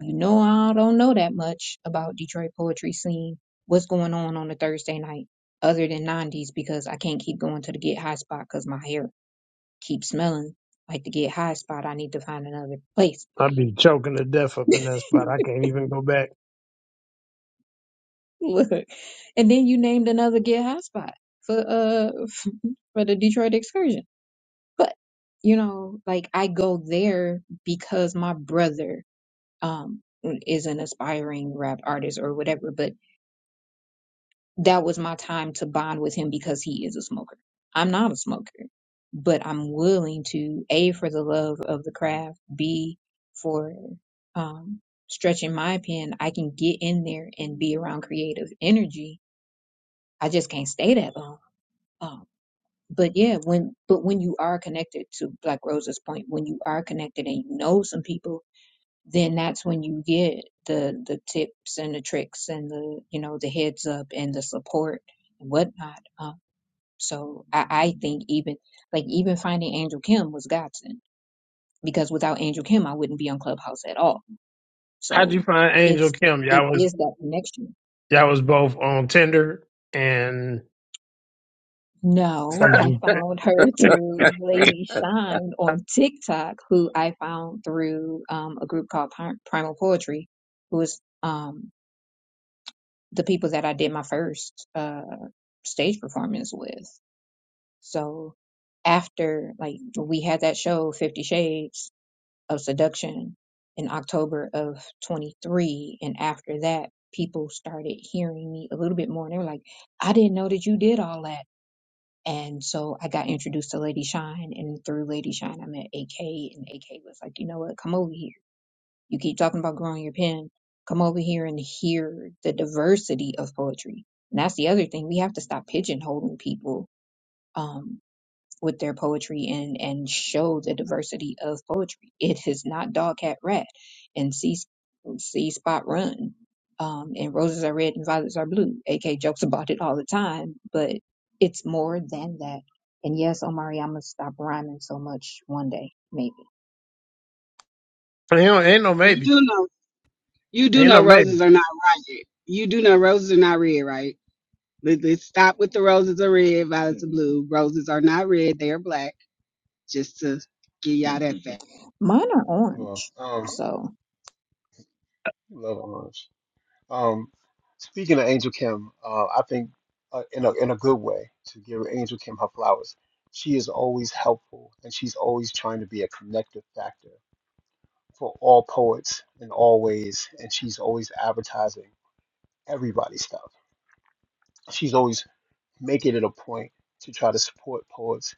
S6: you know, I don't know that much about Detroit poetry scene. What's going on on a Thursday night other than 90s because I can't keep going to the get high spot because my hair keeps smelling like the get high spot. I need to find another place.
S1: I'll be choking to death up
S6: [LAUGHS]
S1: in that spot. I can't even go back.
S6: Look, and then you named another get high spot for uh [LAUGHS] for the Detroit excursion. But you know, like I go there because my brother um, is an aspiring rap artist or whatever. But that was my time to bond with him because he is a smoker. I'm not a smoker, but I'm willing to A, for the love of the craft, B, for um, stretching my pen. I can get in there and be around creative energy. I just can't stay that long. Um, but yeah, when but when you are connected to Black Rose's point, when you are connected and you know some people then that's when you get the the tips and the tricks and the you know the heads up and the support and whatnot. Um, so I, I think even like even finding Angel Kim was godsend because without Angel Kim I wouldn't be on Clubhouse at all.
S1: How'd you
S6: So
S1: find Angel
S6: it's
S1: Kim?
S6: it
S1: Y'all was
S6: is that connection.
S1: y'all was both on Tinder and
S6: No,
S1: I'm
S6: I
S1: just,
S6: found her [LAUGHS] through Lady Shine on TikTok, who I found through um, a group called Pri- Primal Poetry, who is um, the people that I did my first uh, stage performance with. So after like we had that show Fifty Shades of Seduction in October of 23, and after that, people started hearing me a little bit more, and they were like, "I didn't know that you did all that." And so I got introduced to Lady Shine, and through Lady Shine, I met AK, and AK was like, "You know what? Come over here." You keep talking about growing your pen. Come over here and hear the diversity of poetry. And that's the other thing. We have to stop pigeonholing people um, with their poetry and, and show the diversity of poetry. It is not dog, cat, rat and see, see spot run. Um, and roses are red and violets are blue. AK jokes about it all the time, but it's more than that. And yes, Omari, I'm going to stop rhyming so much one day, maybe.
S1: ain't, no, ain't no
S4: you
S1: maybe.
S4: do know you do
S1: Ain't
S4: know
S1: no maybe.
S4: roses are not riot you do know roses are not red right Let- let's stop with the roses are red violets are blue roses are not red they are black just to give y'all that
S6: Mine are
S5: Well,
S6: orange.
S5: um,
S6: So.
S5: love Orange. Um, speaking of Angel Kim, uh, I think uh, in a in a good way to give Angel Kim her flowers. She is always helpful, and she's always trying to be a connective factor for all poets in all ways. And she's always advertising everybody's stuff. She's always making it a point to try to support poets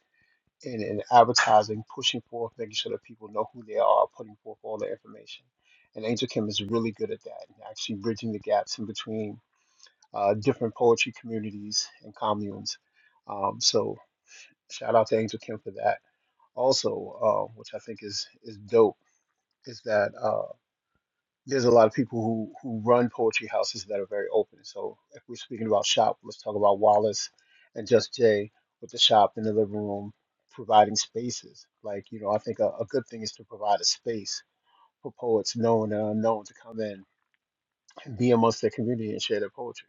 S5: in, in advertising, pushing forth, making sure that people know who they are, putting forth all the information. And Angel Kim is really good at that, and actually bridging the gaps in between uh, different poetry communities and communes. Um, so shout out to Angel Kim for that. Also, uh, which I think is is dope, is that. uh there's a lot of people who who run poetry houses that are very open. So if we're speaking about shop, let's talk about Wallace and Just Jay with the shop in the living room, providing spaces. Like you know, I think a, a good thing is to provide a space for poets known and unknown to come in and be amongst their community and share their poetry.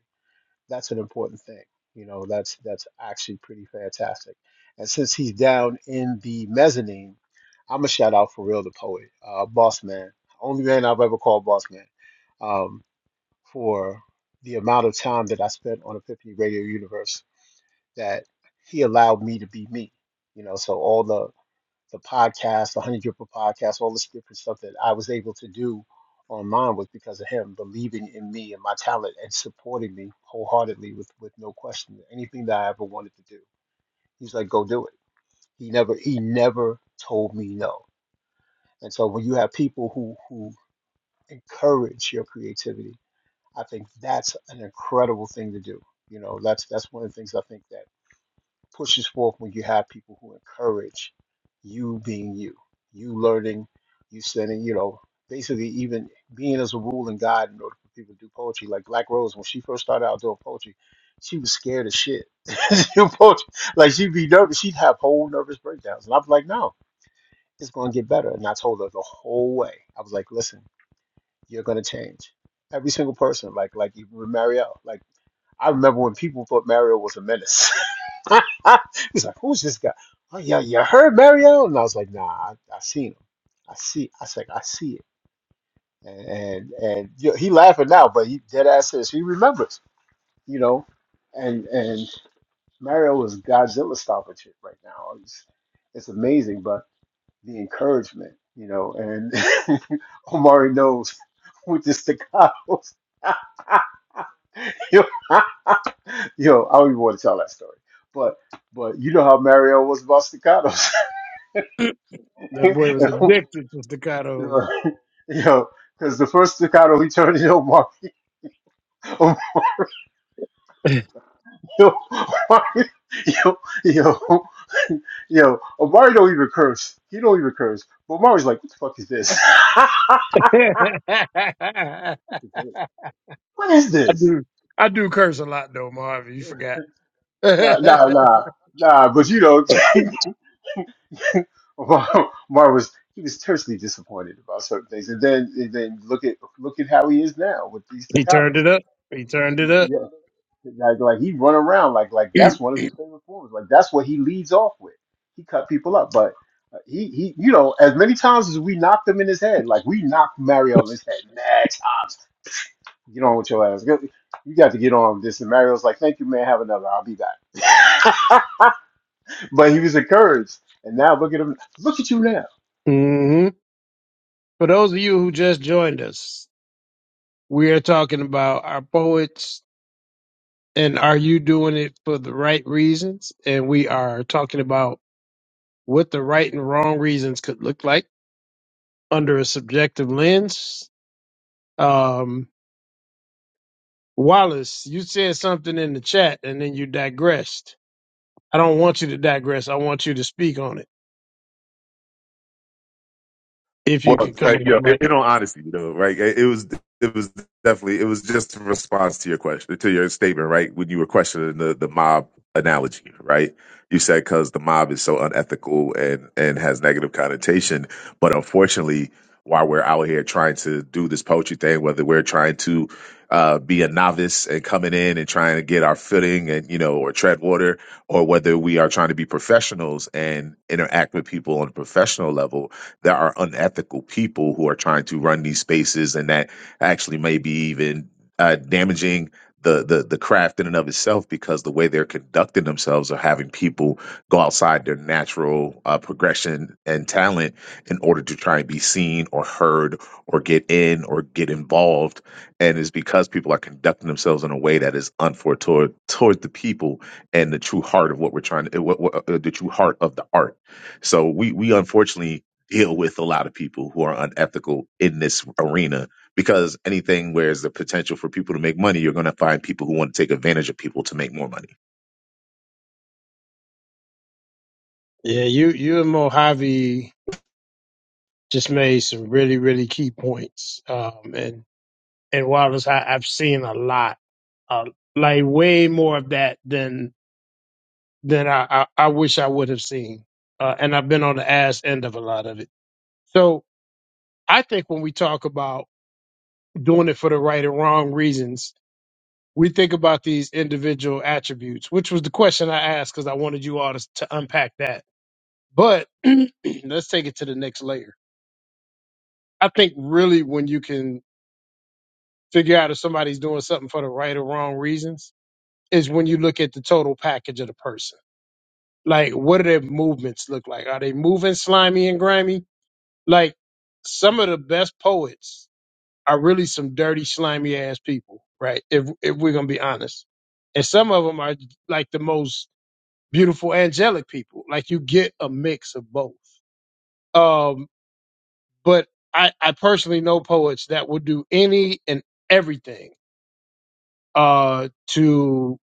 S5: That's an important thing. You know, that's that's actually pretty fantastic. And since he's down in the mezzanine, I'm a shout out for real the poet, uh, Boss Man, only man I've ever called Boss Man Um, for the amount of time that I spent on Epiphany Radio Universe that he allowed me to be me. You know, so all the the podcasts, the Honey Dripper podcast, all this different stuff that I was able to do online was because of him believing in me and my talent and supporting me wholeheartedly with with no question. Anything that I ever wanted to do, he's like, go do it. He never he never told me no. And so when you have people who who encourage your creativity I think that's an incredible thing to do. You know, that's that's one of the things I think that pushes forth when you have people who encourage you being you, you learning, you sending, you know, basically even being as a rule and guide in order for people to do poetry. Like Black Rose, when she first started out doing poetry, she was scared as shit. [LAUGHS] She do poetry. Like she'd be nervous, she'd have whole nervous breakdowns. And I was like, no, it's gonna get better. And I told her the whole way. I was like, listen, you're gonna change every single person, like like even with Marielle. Like I remember when people thought Mario was a menace. [LAUGHS] He's like, who's this guy? Oh yeah, you heard Mario? And I was like, nah, I, I seen him. I see. I was like, I see it. And and and you know, he laughing now, but he dead ass says he remembers. You know, and and Mario is Godzilla stomping shit right now. It's it's amazing, but the encouragement, you know, and [LAUGHS] Omari knows with the staccatos. [LAUGHS] [LAUGHS] [LAUGHS] Yo, I don't even want to tell that story. But but you know how Mario was about staccatos. [LAUGHS]
S1: [CLEARS THROAT] that boy was
S5: And,
S1: addicted to staccato.
S5: yo, because the first staccato he turned it over. Mario, [LAUGHS] Mario, yo, yo, yo, Mario don't even curse. He don't even curse. But Mario's like, what the fuck is this?
S1: [LAUGHS]
S5: [LAUGHS] what is
S1: I
S5: this?
S1: do. I do curse a lot though, Marvin. You forgot. [LAUGHS] he
S5: Nah, nah, nah, nah. But you know. [LAUGHS] [LAUGHS] Mar Mar was he was tersely disappointed about certain things, and then and then look at look at how he is now with these
S1: turned
S5: staccatos,
S1: it
S5: like
S1: up. He turned it up.
S5: yeah, like like he run around like like
S1: [CLEARS THROAT]
S5: that's one of his favorite forms, like that's what he leads off with. He cut people up, but uh, he he you know as many times as we knocked him in his head, like we knocked Mario in his head mad times. Get on with your ass. Go- You got to get on with this. And Mario's like, "Thank you, man. Have another. I'll be back." [LAUGHS] but he was encouraged, and now look at him. Look at you now.
S1: hmm For those of you who just joined us, we are talking about our poets and are you doing it for the right reasons? And we are talking about what the right and wrong reasons could look like under a subjective lens. Um, Wallace, you said something in the chat and then you digressed. I don't want you to digress. I want you to speak on it. If you
S11: Well,
S1: could come
S11: uh, you
S1: on,
S11: know, in,
S1: Mike.
S11: in all honesty, you know, right? It, it was, it was definitely, it was just a response to your question, to your statement, right? When you were questioning the the mob analogy, right? You said because the mob is so unethical and and has negative connotation, but unfortunately, while we're out here trying to do this poetry thing, whether we're trying to uh, be a novice and coming in and trying to get our footing and you know or tread water, or whether we are trying to be professionals and interact with people on a professional level there are unethical people who are trying to run these spaces and that actually may be even uh, damaging the, the the craft in and of itself because the way they're conducting themselves are having people go outside their natural uh, progression and talent in order to try and be seen or heard or get in or get involved and it's because people are conducting themselves in a way that is unfair toward, toward the people and the true heart of what we're trying to what, what, uh, the true heart of the art so we we unfortunately deal with a lot of people who are unethical in this arena because anything where there's the potential for people to make money, you're going to find people who want to take advantage of people to make more money.
S1: Yeah, you you and Mojave just made some really really key points. Um, and and Wallace, I, I've seen a lot, uh, like way more of that than than I I, I wish I would have seen. Uh, and I've been on the ass end of a lot of it. So I think when we talk about doing it for the right and wrong reasons, we think about these individual attributes, which was the question I asked because I wanted you all to, to unpack that. But [CLEARS THROAT] let's take it to the next layer I think really when you can figure out if somebody's doing something for the right or wrong reasons is when you look at the total package of the person. Like, what do their movements look like? Are they moving slimy and grimy? Like, some of the best poets are really some dirty, slimy ass people, right? If if we're gonna be honest, and some of them are like the most beautiful angelic people. Like, you get a mix of both. Um, but I, I personally know poets that will do any and everything uh, to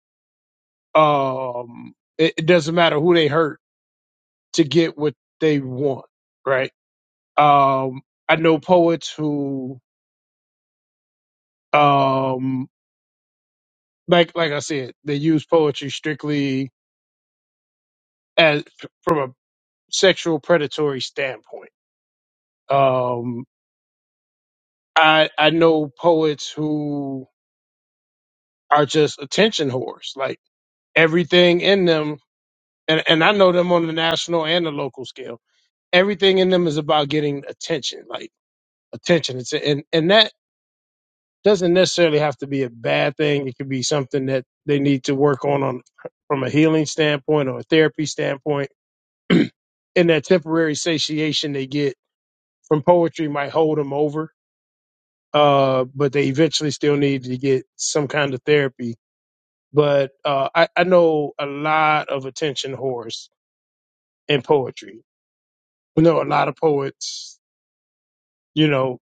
S1: um, it, it doesn't matter who they hurt to get what they want, right? Um, I know poets who, um, like like I said, they use poetry strictly as from a sexual predatory standpoint. Um, I I know poets who are just attention whores, like everything in them, and and I know them on the national and the local scale. Everything in them is about getting attention, like attention. It's and and that doesn't necessarily have to be a bad thing. It could be something that they need to work on on from a healing standpoint or a therapy standpoint. [CLEARS THROAT] and that temporary satiation they get from poetry might hold them over, uh, but they eventually still need to get some kind of therapy. But uh, I, I know a lot of attention whores in poetry. We know a lot of poets, you know,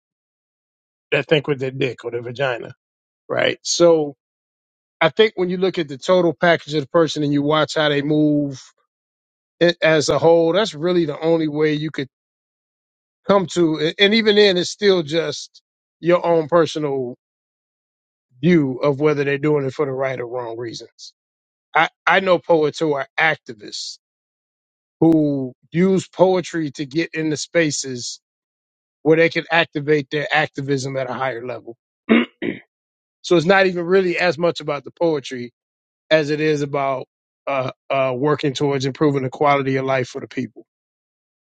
S1: that think with their dick or their vagina, right? So I think when you look at the total package of the person and you watch how they move it as a whole, that's really the only way you could come to. a- And even then, it's still just your own personal view of whether they're doing it for the right or wrong reasons. I, I know poets who are activists who use poetry to get into spaces where they can activate their activism at a higher level. [CLEARS THROAT] so it's not even really as much about the poetry as it is about uh, uh, working towards improving the quality of life for the people.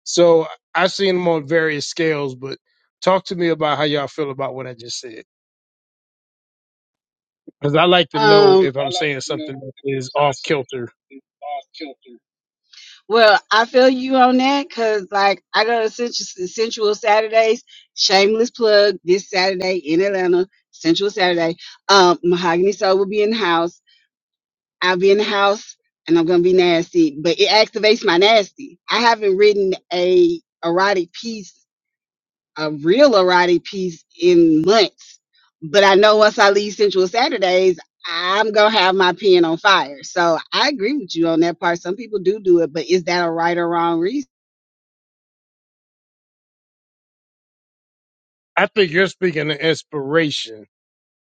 S1: So I've seen them on various scales, but talk to me about how y'all feel about what I just said. Because I like to know
S4: fact
S1: if I'm saying something that is off kilter.
S4: Well, I feel you on that because, like, I go to Sensual, Sensual Saturdays. Shameless plug this Saturday in Atlanta, Sensual Saturday. Um, Mahogany Soul will be in the house. I'll be in the house, and I'm gonna be nasty. But it activates my nasty. I haven't written a erotic piece, a real erotic piece, in months. But I know once I leave Sensual Saturdays, I'm gonna have my pen on fire. So I agree with you on that part. Some people do do it, but is that a right or wrong reason?
S1: I think you're speaking of inspiration,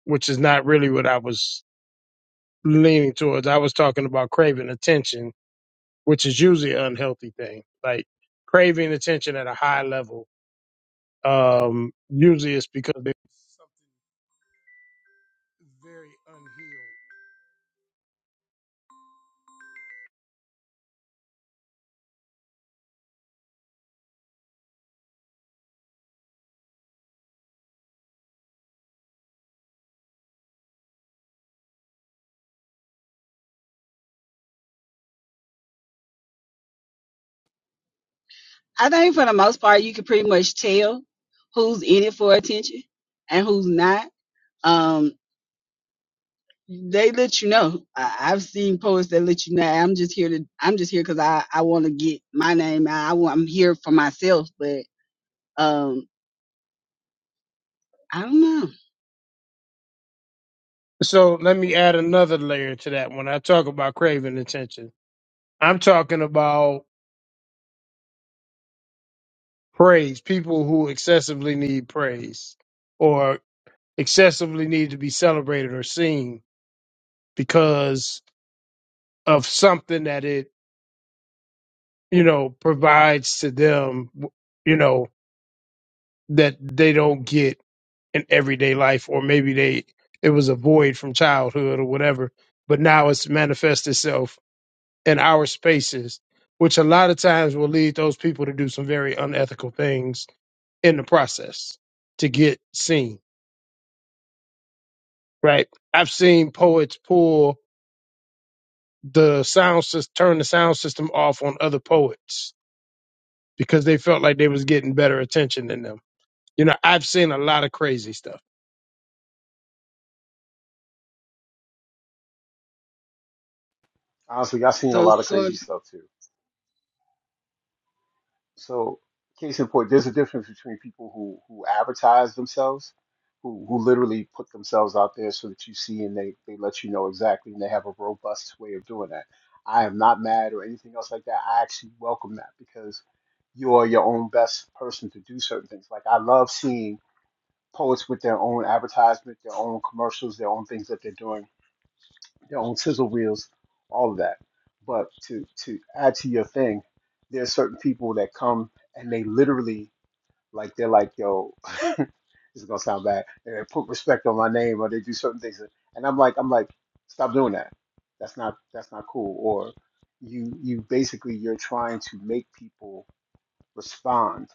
S1: which is not really what I was leaning towards. I was talking about craving attention, which is usually an unhealthy thing. Like craving attention at a high level, um, usually it's because there's something very unhealed
S4: I think for the most part, you can pretty much tell who's in it for attention and who's not. Um, they let you know. I, I've seen posts that let you know. I'm just here to. I'm just here because I I want to get my name out. I want, I'm here for myself, but um, I don't know.
S1: So let me add another layer to that. When I talk about craving attention, I'm talking about praise, people who excessively need praise or excessively need to be celebrated or seen because of something that it, you know, provides to them, you know, that they don't get in everyday life or maybe they it was a void from childhood or whatever, but now it's manifest itself in our spaces, which a lot of times will lead those people to do some very unethical things in the process to get seen, right? I've seen poets pull the sound system, turn the sound system off on other poets because they felt like they was getting better attention than them. You know, I've seen a lot of crazy stuff.
S5: honestly, I've seen a
S4: So
S5: lot of
S4: so
S5: crazy stuff too. So, case in point, there's a difference between people who who advertise themselves, who who literally put themselves out there so that you see and they they let you know exactly, and they have a robust way of doing that. I am not mad or anything else like that. I actually welcome that because you are your own best person to do certain things. Like I love seeing poets with their own advertisement, their own commercials, their own things that they're doing their own chisel wheels, all of that. But to to add to your thing, there's certain people that come and they literally like they're like, yo, [LAUGHS] this is gonna sound bad. And they put respect on my name or they do certain things, and I'm like, I'm like, stop doing that. That's not that's not cool. Or you you basically you're trying to make people respond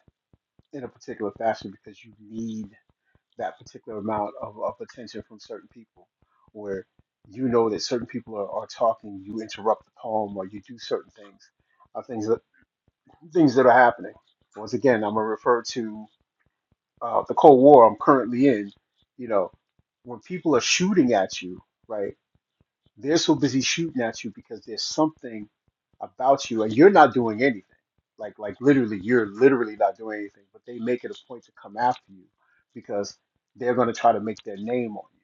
S5: in a particular fashion because you need that particular amount of, of attention from certain people where you know that certain people are, are talking you interrupt the poem or you do certain things uh, things that things that are happening once again i'm going to refer to uh, the cold war i'm currently in you know when people are shooting at you right they're so busy shooting at you because there's something about you and you're not doing anything. Like like literally, you're literally not doing anything, but they make it a point to come after you because they're going to try to make their name on you.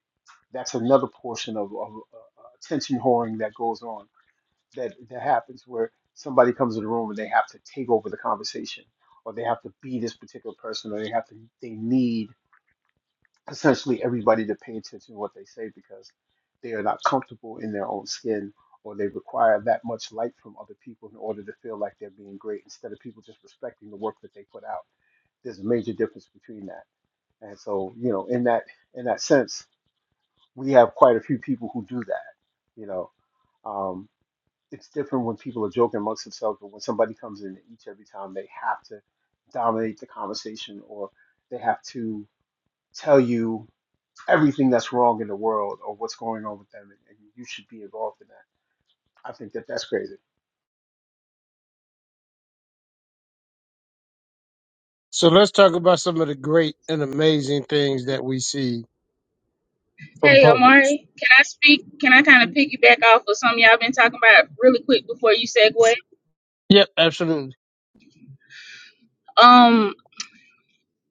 S5: That's another portion of, of uh, uh, attention whoring that goes on that that happens where somebody comes in the room and they have to take over the conversation or they have to be this particular person or they have to they need essentially everybody to pay attention to what they say because they are not comfortable in their own skin or they require that much light from other people in order to feel like they're being great instead of people just respecting the work that they put out there's a major difference between that and so you know in that in that sense we have quite a few people who do that you know um, it's different when people are joking amongst themselves but when somebody comes in each every time they have to dominate the conversation or they have to tell you everything that's wrong in the world or what's going on with them, and, and you should be involved in that. I think that that's crazy.
S1: So let's talk about some of the great and amazing things that we see from
S8: Hey
S1: poets.
S8: Amari, can I speak? Can I kind of piggyback off of something y'all been talking about really quick before you segue?
S1: Yep, absolutely.
S8: Um,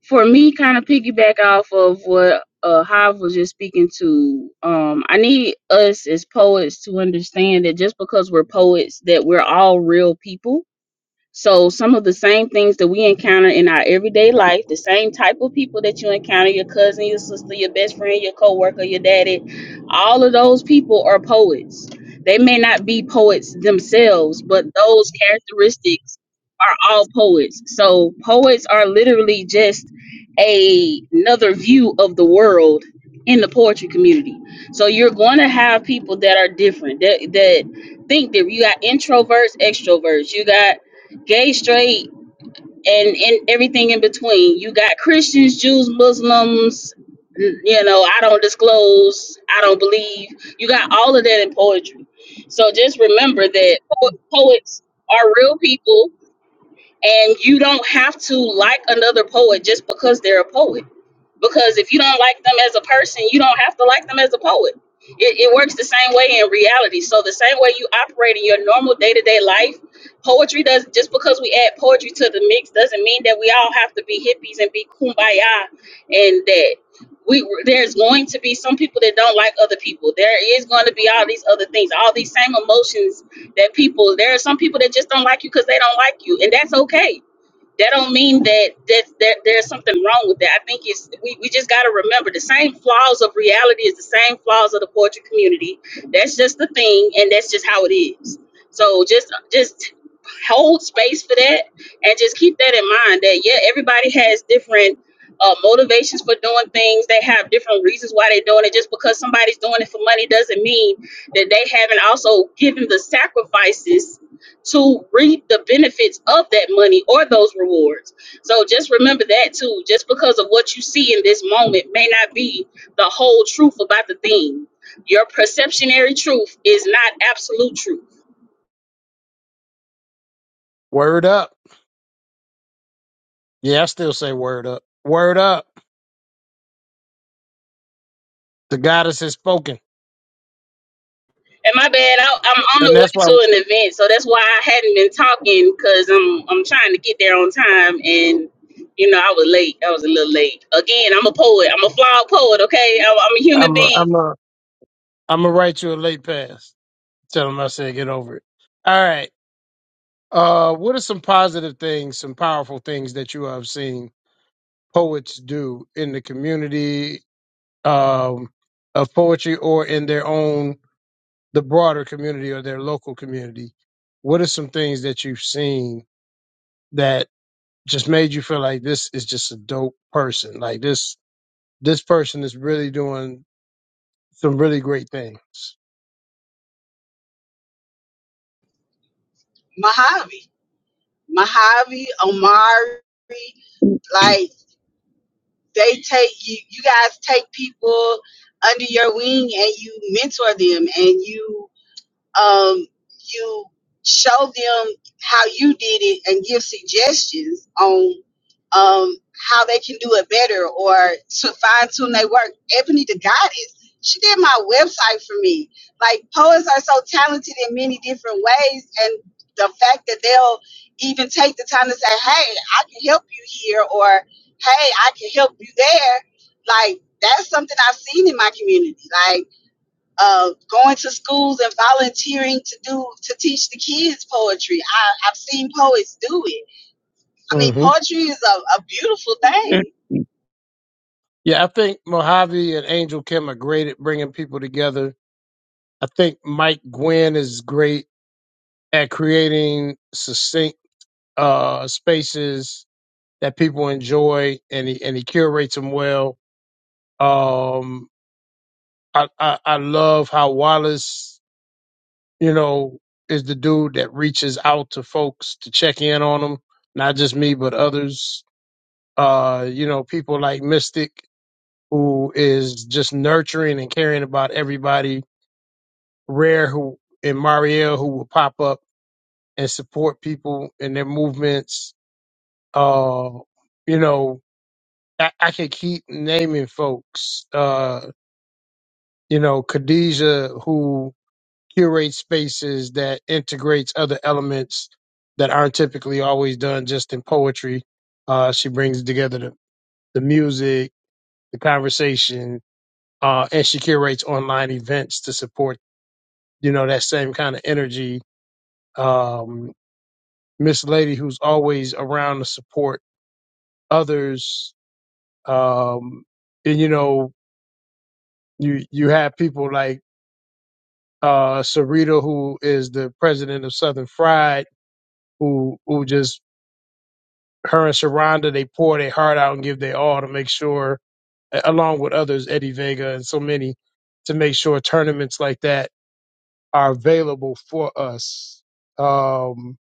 S8: for me, kind of piggyback off of what uh Hive was just speaking to. Um, I need us as poets to understand that just because we're poets, that we're all real people So some of the same things that we encounter in our everyday life, the same type of people that you encounter, your cousin, your sister, your best friend, your coworker, your daddy, all of those people are poets. They may not be poets themselves, but those characteristics are all poets. So poets are literally just a, another view of the world in the poetry community. So you're going to have people that are different, that that think that you got introverts, extroverts, you got gay, straight, and, and everything in between. You got Christians, Jews, Muslims, n- you know, I don't disclose, I don't believe. You got all of that in poetry. So just remember that po- poets are real people and you don't have to like another poet just because they're a poet because if you don't like them as a person, you don't have to like them as a poet. It, it works the same way in reality. So the same way you operate in your normal day to day life, poetry does. Just because we add poetry to the mix doesn't mean that we all have to be hippies and be kumbaya, and that we there's going to be some people that don't like other people. There is going to be all these other things, all these same emotions that people. There are some people that just don't like you because they don't like you, and that's okay that don't mean that that, that there's something wrong with that. I think it's we, we just got to remember the same flaws of reality is the same flaws of the poetry community. That's just the thing, and that's just how it is. So just just hold space for that, and just keep that in mind. That yeah, everybody has different. Uh, motivations for doing things they have different reasons why they're doing it just because somebody's doing it for money doesn't mean that they haven't also given the sacrifices to reap the benefits of that money or those rewards. So just remember that too. Just because of what you see in this moment may not be the whole truth about the thing. Your perceptionary truth is not absolute truth.
S1: Word up. Yeah, I still say word up. Word up. The goddess has spoken.
S8: And my bad, I, I'm on the
S1: And that's
S8: way
S1: why
S8: to an event, so that's why I hadn't been talking because I'm I'm trying to get there on time and. You know, I was late. I was a little late. Again, I'm a poet. I'm a flawed poet. Okay, I- I'm a human
S1: I'm i
S8: being.
S1: I'm i am ai gonna write you a late pass. Tell them I said get over it. All right. Uh, what are some positive things, some powerful things that you have seen poets do in the community um, of poetry or in their own the broader community or their local community? What are some things that you've seen that just made you feel like this is just a dope person? Like this this person is really doing some really great things.
S4: Mojave, Mojave, Omari, like they take you. You guys take people under your wing and you mentor them and you um, you show them how you did it and give suggestions on um, how they can do it better or to fine tune their work. Ebony the goddess, she did my website for me. Like poets are so talented in many different ways, and the fact that they'll even take the time to say, "Hey, I can help you here," or "Hey, I can help you there," like that's something I've seen in my community. Like uh, going to schools and volunteering to do to teach the kids poetry. I, I've seen poets do it. I mean,
S1: Mm-hmm.
S4: poetry is a, a beautiful thing.
S1: Yeah, I think Mojave and Angel Kim are great at bringing people together. I think Mike Gwynn is great at creating succinct uh, spaces that people enjoy, and he and he curates them well. Um, I, I I love how Wallace, you know, is the dude that reaches out to folks to check in on them, not just me but others. Uh, you know, people like Mystic, who is just nurturing and caring about everybody Rare who and Marielle who will pop up and support people in their movements. Uh, you know, I, I can keep naming folks. Uh, you know, Khadija who curates spaces that integrates other elements that aren't typically always done just in poetry. Uh, she brings together the, the music, the conversation, uh, and she curates online events to support, you know, that same kind of energy Um, Miss Lady who's always around to support others. Um, and you know, you you have people like uh Sarita who is the president of Southern Fried, who who just her and Sharonda, they pour their heart out and give their all to make sure a- along with others, Eddie Vega and so many, to make sure tournaments like that are available for us. Um,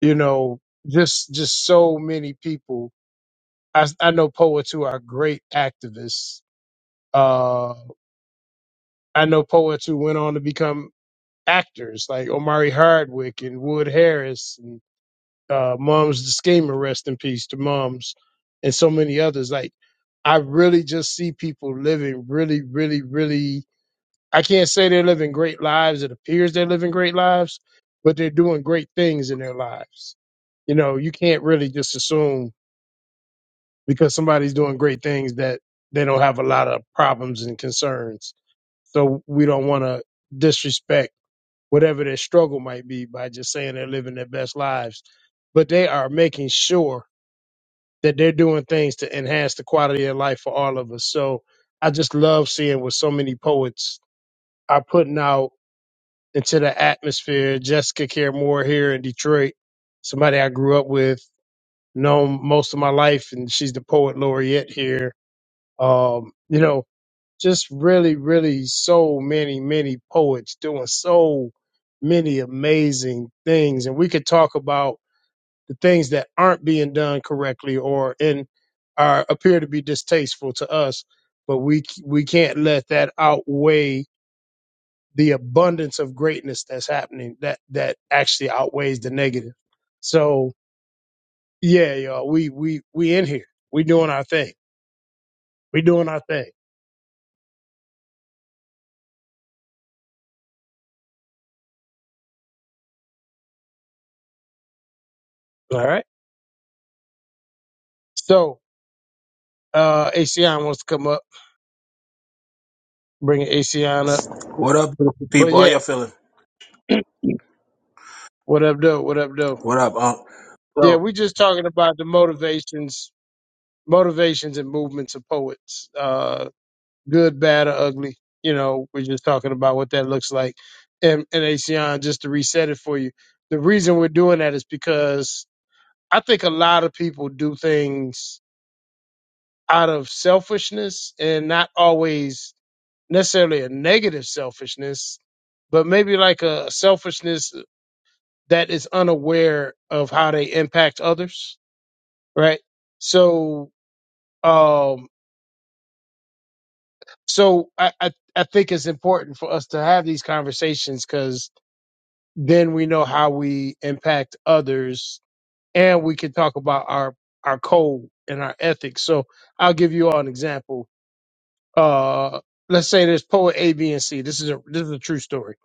S1: you know, just just so many people I, I know poets who are great activists. Uh, I know poets who went on to become actors, like Omari Hardwick and Wood Harris and uh, Mums the Schemer, rest in peace to Mums, and so many others. Like, I really just see people living really, really, really. I can't say they're living great lives. It appears they're living great lives, but they're doing great things in their lives. You know, you can't really just assume because somebody's doing great things that they don't have a lot of problems and concerns. So we don't want to disrespect whatever their struggle might be by just saying they're living their best lives. But they are making sure that they're doing things to enhance the quality of life for all of us. So I just love seeing what so many poets are putting out into the atmosphere. Jessica Care Moore here in Detroit, somebody I grew up with, known most of my life, and she's the poet laureate here Um, you know, just really, really so many, many poets doing so many amazing things. And we could talk about the things that aren't being done correctly or in are appear to be distasteful to us, but we we can't let that outweigh the abundance of greatness that's happening that that actually outweighs the negative. So yeah, y'all, we we we in here. We doing our thing. We doing our thing. All right. So Uh, ACN wants to come up, bringing ACN up.
S12: What up, beautiful
S1: But
S12: people? How
S1: yeah,
S12: y'all feeling?
S1: what up, though? What up, though?
S12: What up, Unc?
S1: Yeah, we just talking about the motivations, motivations and movements of poets. Uh, good, bad, or ugly. You know, we're just talking about what that looks like. And, and ACN, just to reset it for you, the reason we're doing that is because I think a lot of people do things out of selfishness and not always necessarily a negative selfishness, but maybe like a selfishness that is unaware of how they impact others, right? So, um, so I, I, I think it's important for us to have these conversations because then we know how we impact others and we can talk about our, our code and our ethics. So I'll give you all an example. Uh, let's say there's poet A, B, and C. This is a, this is a true story.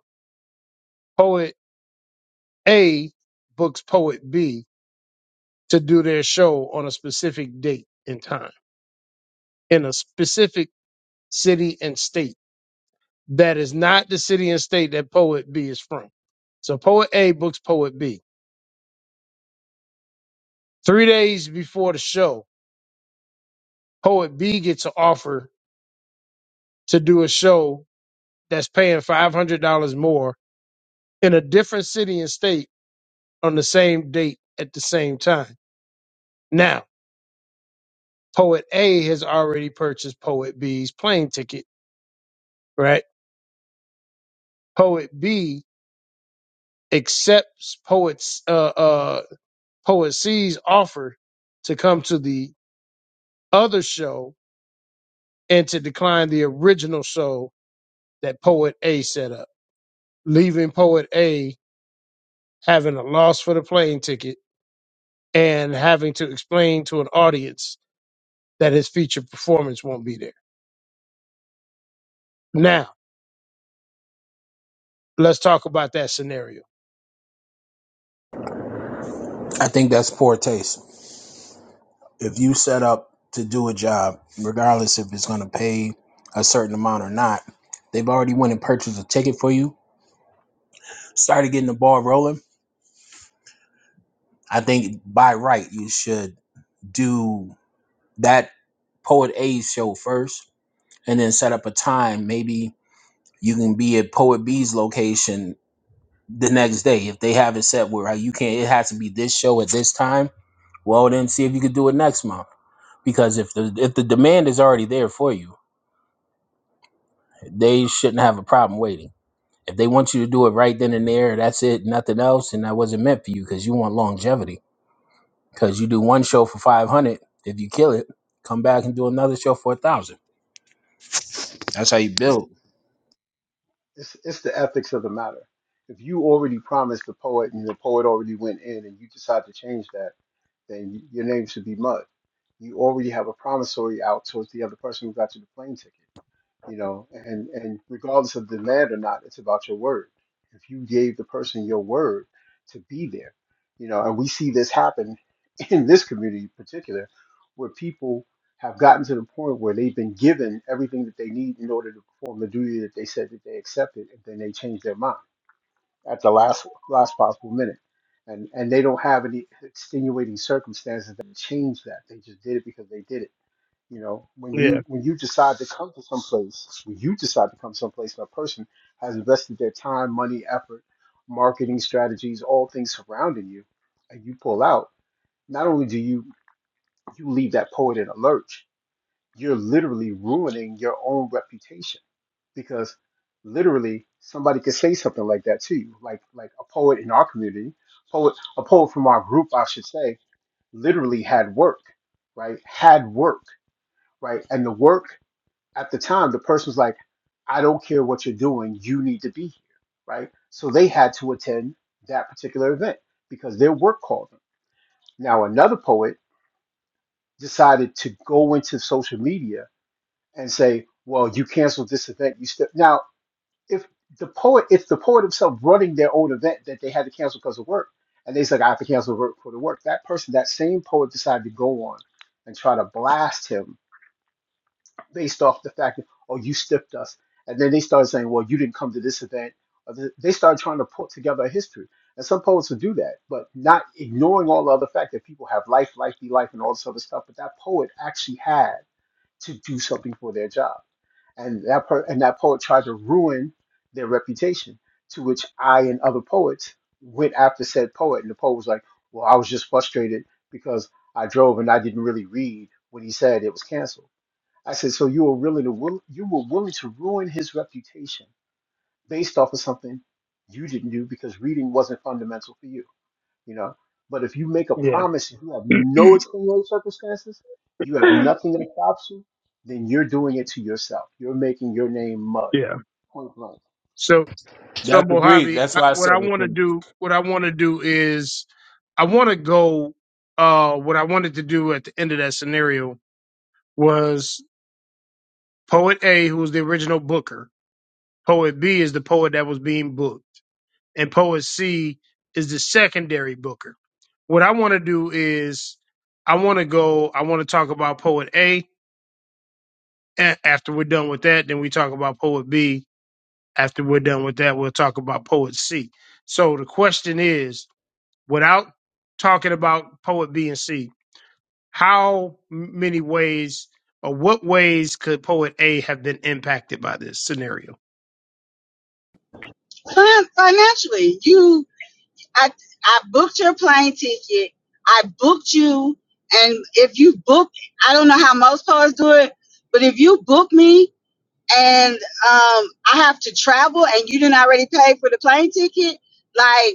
S1: Poet A books poet B to do their show on a specific date and time in a specific city and state. That is not the city and state that Poet B is from. So Poet A books Poet B. Three days before the show, Poet B gets an offer to do a show that's paying $500 more in a different city and state on the same date at the same time. Now, Poet A has already purchased Poet B's plane ticket, right? Poet B accepts Poet's uh, uh. Poet C's offer to come to the other show and to decline the original show that Poet A set up, leaving Poet A having a loss for the plane ticket and having to explain to an audience that his featured performance won't be there. Now, let's talk about that scenario.
S12: I think that's poor taste. If you set up to do a job, regardless if it's going to pay a certain amount or not, they've already went and purchased a ticket for you, started getting the ball rolling. I think by right, you should do that Poet A's show first and then set up a time. Maybe you can be at Poet B's location the next day if they have it set where like, you can't, it has to be this show at this time Well, then see if you could do it next month. Because if the if the demand is already there for you, they shouldn't have a problem waiting. If they want you to do it right then and there, that's it, nothing else, and that wasn't meant for you because you want longevity. Because you do one show for five hundred, if you kill it, come back and do another show for a thousand. That's how you build.
S5: It's it's the ethics of the matter. If you already promised the poet and the poet already went in, and you decide to change that, then y- your name should be mud. You already have a promissory out towards the other person who got you the plane ticket. you know and and regardless of demand or not it's about your word if you gave the person your word to be there you know and we see this happen [LAUGHS] in this community in particular where people have gotten to the point where they've been given everything that they need in order to perform the duty that they said that they accepted and then they change their mind at the last last possible minute and and they don't have any extenuating circumstances that change that they just did it because they did it you know, when
S1: Yeah,
S5: you when you decide to come to someplace, when you decide to come someplace, and a person has invested their time, money, effort, marketing strategies, all things surrounding you, and you pull out. Not only do you you leave that poet in a lurch, you're literally ruining your own reputation because literally somebody could say something like that to you, like like a poet in our community, poet a poet from our group, I should say, literally had work, right? Had work, right? And the work at the time, the person was like, I don't care what you're doing, you need to be here, right? So they had to attend that particular event because their work called them. Now, another poet decided to go into social media and say, Well, you canceled this event. You still now, if the poet, if the poet himself running their own event that they had to cancel because of work, and they said, I have to cancel work for the work, that person, that same poet decided to go on and try to blast him based off the fact that oh you stiffed us and then they started saying well you didn't come to this event Or th- they started trying to put together a history and some poets would do that but not ignoring all the other fact that people have life life be life and all this other stuff but that poet actually had to do something for their job and that per- and that poet tried to ruin their reputation to which i and other poets went after said poet and the poet was like well i was just frustrated because i drove and i didn't really read what he said it was canceled I said, so you were willing to will, you were willing to ruin his reputation based off of something you didn't do because reading wasn't fundamental for you, you know. But if you make a
S1: yeah,
S5: promise and you have no extenuating circumstances, you have nothing that stops you, then you're doing it to yourself. You're making your name mud.
S1: yeah.
S5: Point blank.
S1: So, so
S12: That's agreed.
S1: Mojave,
S12: That's
S1: I-
S12: why I
S1: what
S12: said
S1: I
S12: it.
S1: want to
S12: And
S1: do, what I want to do is, I want to go. Uh, what I wanted to do at the end of that scenario was Poet A, who was the original booker. Poet B is the poet that was being booked. And Poet C is the secondary booker. What I want to do is I want to go, I want to talk about Poet A. And after we're done with that, then we talk about Poet B. After we're done with that, we'll talk about Poet C. So the question is without talking about Poet B and C, how many ways or what ways could Poet A have been impacted by this scenario?
S4: Fin- financially, you, I, I booked your plane ticket. I booked you, and if you book, I don't know how most poets do it, but if you book me and um, I have to travel and you didn't already pay for the plane ticket, like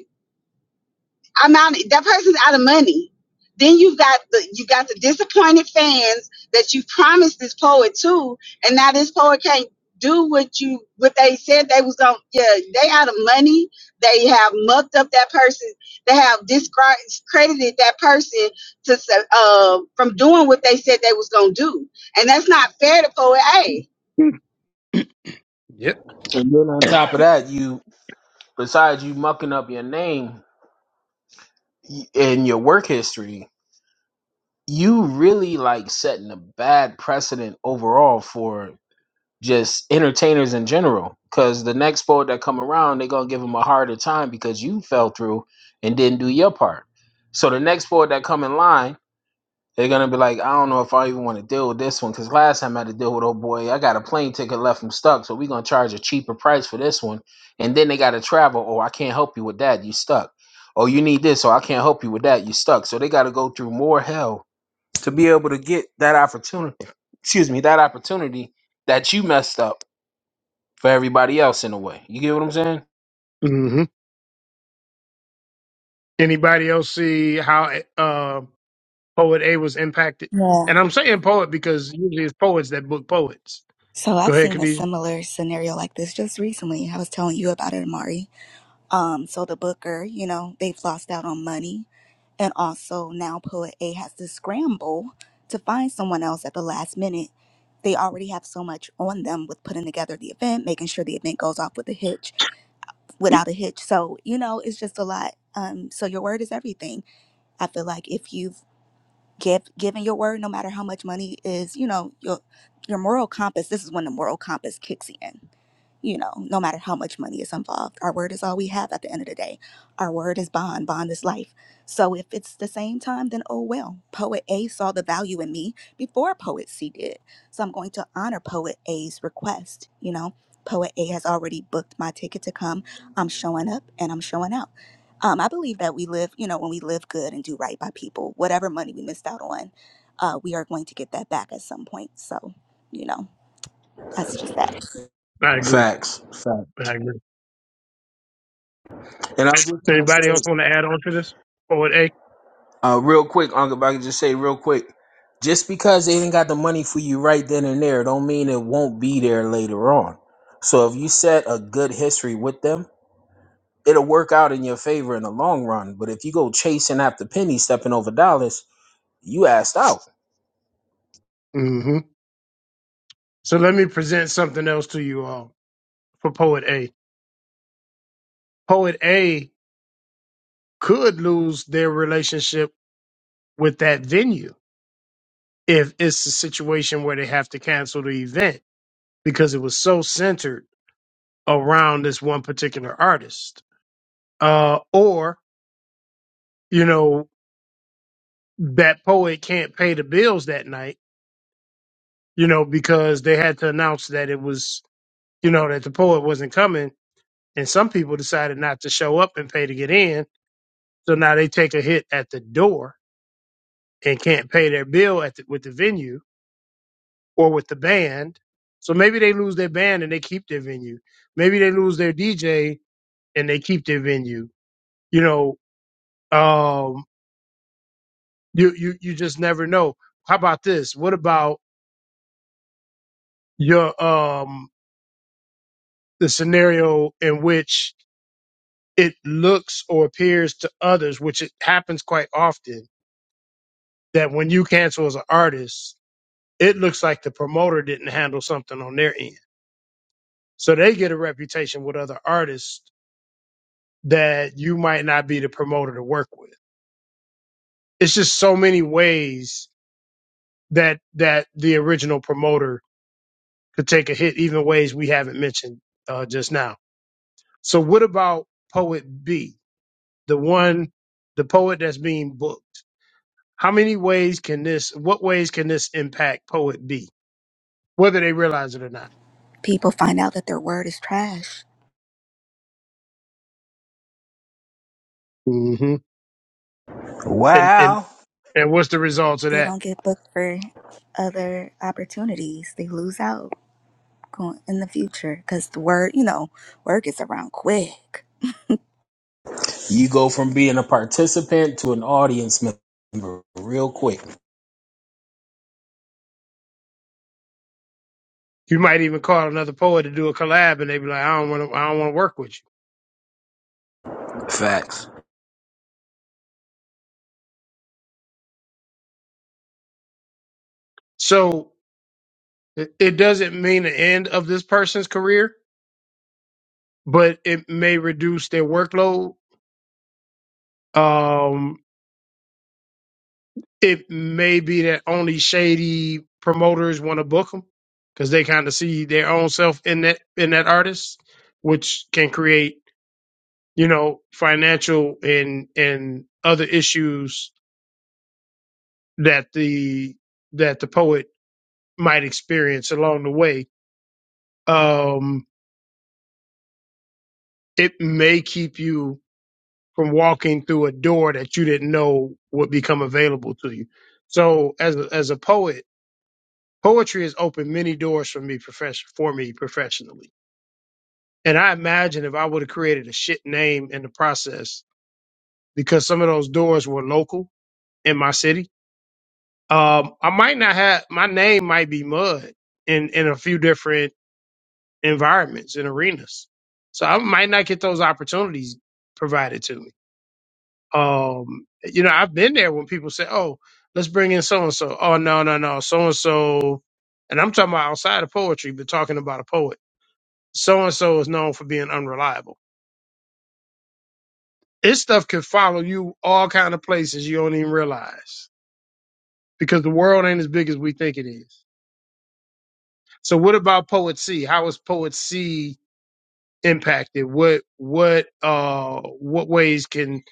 S4: I'm out. That person's out of money. Then you've got the you got the disappointed fans that you promised this poet to, and now this poet can't do what you what they said they was gonna. Yeah, they out of money. They have mucked up that person. They have discredited that person to uh, from doing what they said they was gonna do, and that's not fair to poet A.
S1: Yep.
S12: then on top of that, you besides you mucking up your name y- and your work history, you really like setting a bad precedent overall for just entertainers in general because the next poet that come around they're gonna give them a harder time because you fell through and didn't do your part so the next poet that come in line they're gonna be like i don't know if i even want to deal with this one because last time i had to deal with oh boy i got a plane ticket left him stuck so we're gonna charge a cheaper price for this one and then they gotta travel oh i can't help you with that you stuck oh you need this so i can't help you with that you stuck so they gotta go through more hell to be able to get that opportunity excuse me that opportunity that you messed up for everybody else in a way. You get what I'm saying?
S1: hmm Anybody else see how uh, poet A was impacted?
S13: Yeah.
S1: And I'm saying poet because usually it's poets that book poets.
S13: So
S1: Go
S13: I've
S1: ahead,
S13: seen a
S1: Khadijah.
S13: similar scenario like this just recently. I was telling you about it, Amari. Um, so the booker, you know, they've lost out on money. And also now poet A has to scramble to find someone else at the last minute. They already have so much on them with putting together the event, making sure the event goes off with a hitch, without a hitch. So, you know, it's just a lot. Um, so your word is everything. I feel like if you've give giving your word no matter how much money is you know your your moral compass this is when the moral compass kicks in you know no matter how much money is involved our word is all we have at the end of the day our word is bond bond is life so if it's the same time then oh well poet a saw the value in me before poet c did so i'm going to honor poet a's request you know poet a has already booked my ticket to come i'm showing up and i'm showing out um, I believe that we live, you know, when we live good and do right by people, whatever money we missed out on, uh, we are going to get that back at some point. So, you know, that's just that.
S1: I agree.
S12: Facts. Facts.
S1: I agree.
S12: And I was just trying to
S1: Anybody else
S12: say,
S1: want to add on to this? Poet A.
S12: uh, real quick, Uncle, if I could just say real quick, just because they ain't got the money for you right then and there, don't mean it won't be there later on. So if you set a good history with them, it'll work out in your favor in the long run. But if you go chasing after pennies, stepping over dollars, you asked out.
S1: hmm So let me present something else to you all for poet A. Poet A could lose their relationship with that venue if it's a situation where they have to cancel the event because it was so centered around this one particular artist uh, or you know that poet can't pay the bills that night, you know, because they had to announce that it was, you know, that the poet wasn't coming, and some people decided not to show up and pay to get in, so now they take a hit at the door and can't pay their bill at the, with the venue or with the band, so maybe they lose their band and they keep their venue, maybe they lose their DJ and they keep their venue, you know, um, you you you just never know. How about this? What about your um the scenario in which it looks or appears to others, which it happens quite often, that when you cancel as an artist, it looks like the promoter didn't handle something on their end. So they get a reputation with other artists that you might not be the promoter to work with. It's just so many ways that that the original promoter could take a hit, even ways we haven't mentioned uh, just now. So what about Poet B? the one, the poet that's being booked. How many ways can this, what ways can this impact poet be, whether they realize it or not?
S13: People find out that their word is trash.
S1: hmm And, and,
S12: Wow.
S1: and what's the results of
S13: They
S1: that?
S13: don't get booked for other opportunities. They lose out going in the future because the word, you know, word gets around quick.
S12: You go from being a participant to an audience member real quick.
S1: You might even call another poet to do a collab and they be like, I don't want to, I don't want to work with you.
S12: Facts.
S1: So it, it doesn't mean the end of this person's career, but it may reduce their workload. Um, it may be that only shady promoters want to book them because they kind of see their own self in that in that artist, which can create you know financial and and other issues that the that the poet might experience along the way. Um, it may keep you from walking through a door that you didn't know would become available to you. So as a, as a poet Poetry has opened many doors for me profession for me professionally. And I imagine if I would have created a shit name in the process, because some of those doors were local in my city, um, I might not have my name might be mud in in a few different environments and arenas. So I might not get those opportunities provided to me. Um, you know, I've been there when people say, "Oh, let's bring in so and so." Oh, no, no, no, so and so, and I'm talking about outside of poetry, but talking about a poet So and so is known for being unreliable. This stuff could follow you all kind of places you don't even realize because the world ain't as big as we think it is. So what about Poet C? How is Poet C impacted? What what uh what ways can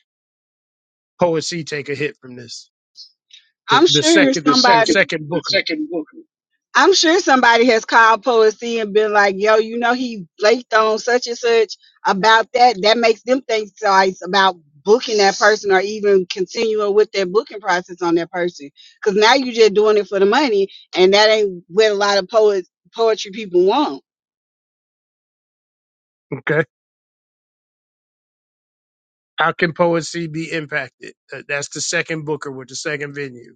S1: Poet C take a hit from this? The,
S4: I'm
S1: the
S4: sure
S1: second the, the
S4: somebody.
S1: second Booker,
S4: I'm sure somebody has called Poesy and been like, yo, you know, he flaked on such and such about that. That makes them think twice about booking that person or even continuing with their booking process on that person. Because now you're just doing it for the money, and that ain't what a lot of poets, poetry people want.
S1: okay. How can Poet C be impacted? That- That's the second Booker with the second venue.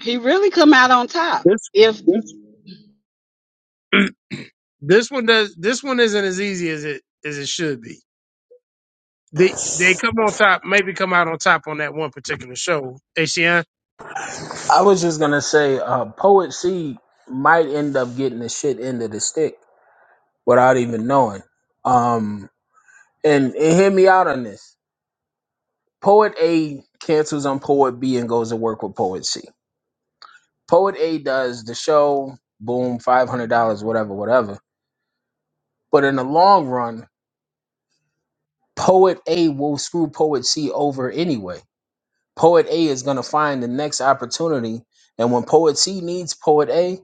S4: He really come out on top.
S1: This
S4: If
S1: [CLEARS THROAT] this one does this one isn't as easy as it as it should be They they come on top, maybe come out on top on that one particular show, ACN.
S12: I was just gonna say, uh, Poet C might end up getting the shit end of the stick without even knowing. Um, and, and hear me out on this. Poet A cancels on Poet B and goes to work with Poet C. Poet A does the show, boom, five hundred dollars, whatever, whatever. But in the long run, Poet A will screw Poet C over anyway. Poet A is going to find the next opportunity. And when Poet C needs Poet A,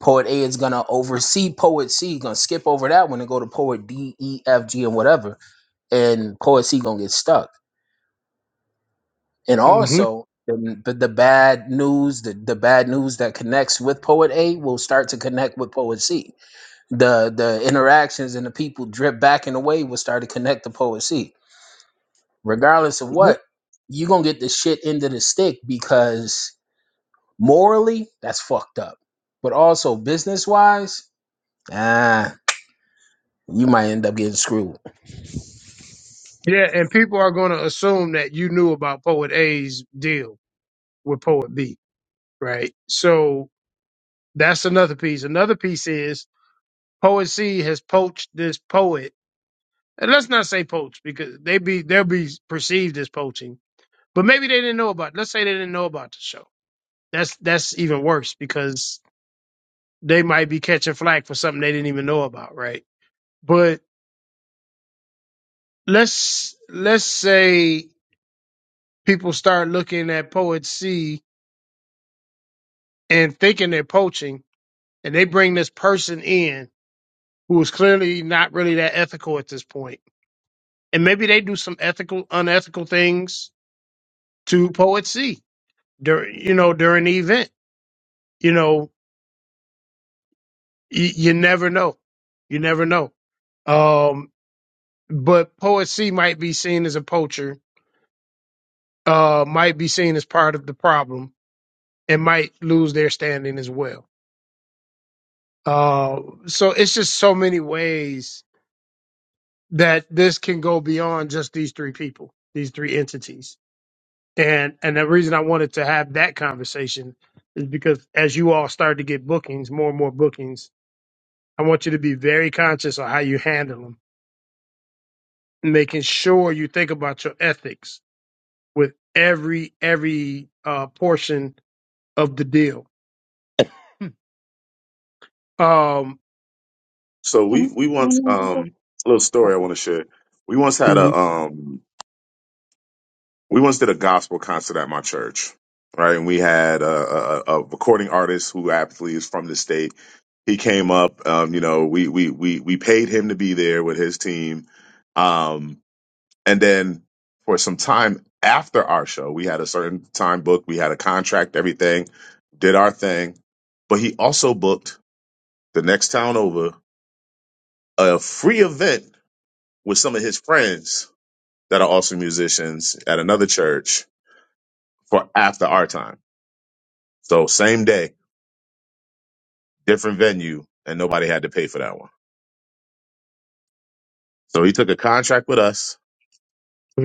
S12: Poet A is going to oversee Poet C, going to skip over that one and go to Poet D, E, F, G, and whatever. And Poet C going to get stuck. And
S1: hmm
S12: also, the, the, the bad news, the, the bad news that connects with Poet A will start to connect with Poet C. The the interactions and the people drip back and away will start to connect to Poet C. Regardless of what, you're going to get the shit into the stick because Morally, that's fucked up. But also business wise, ah, you might end up getting screwed.
S1: Yeah, and people are going to assume that you knew about Poet A's deal with Poet B, right? So that's another piece. Another piece is Poet C has poached this poet, and let's not say poach because they be they'll be perceived as poaching, but maybe they didn't know about. Let's say they didn't know about the show. That's that's even worse because they might be catching flack for something they didn't even know about, right? But let's let's say people start looking at Poet C and thinking they're poaching, and they bring this person in who is clearly not really that ethical at this point, and maybe they do some ethical, unethical things to Poet C during you know during the event. You know, you, you never know, you never know. Um, but Poet C might be seen as a poacher, uh, might be seen as part of the problem, and might lose their standing as well. Uh, so it's just so many ways that this can go beyond just these three people, these three entities. And and the reason I wanted to have that conversation is because as you all start to get bookings, more and more bookings, I want you to be very conscious of how you handle them, making sure you think about your ethics with every every uh, portion of the deal. Um,
S11: So
S6: Can I
S11: we we
S6: find
S11: once
S6: another book?
S11: um a little story I want to share. We once had
S1: mhm.
S11: a um we once did a gospel concert at my church, right? And we had a a, a recording artist who aptly is from the state. He came up, um, you know, we we we we paid him to be there with his team. Um, And then for some time after our show, we had a certain time booked, we had a contract, everything, did our thing. But he also booked the next town over a free event with some of his friends that are also musicians at another church for after our time. So same day, different venue, and nobody had to pay for that one. So he took a contract with us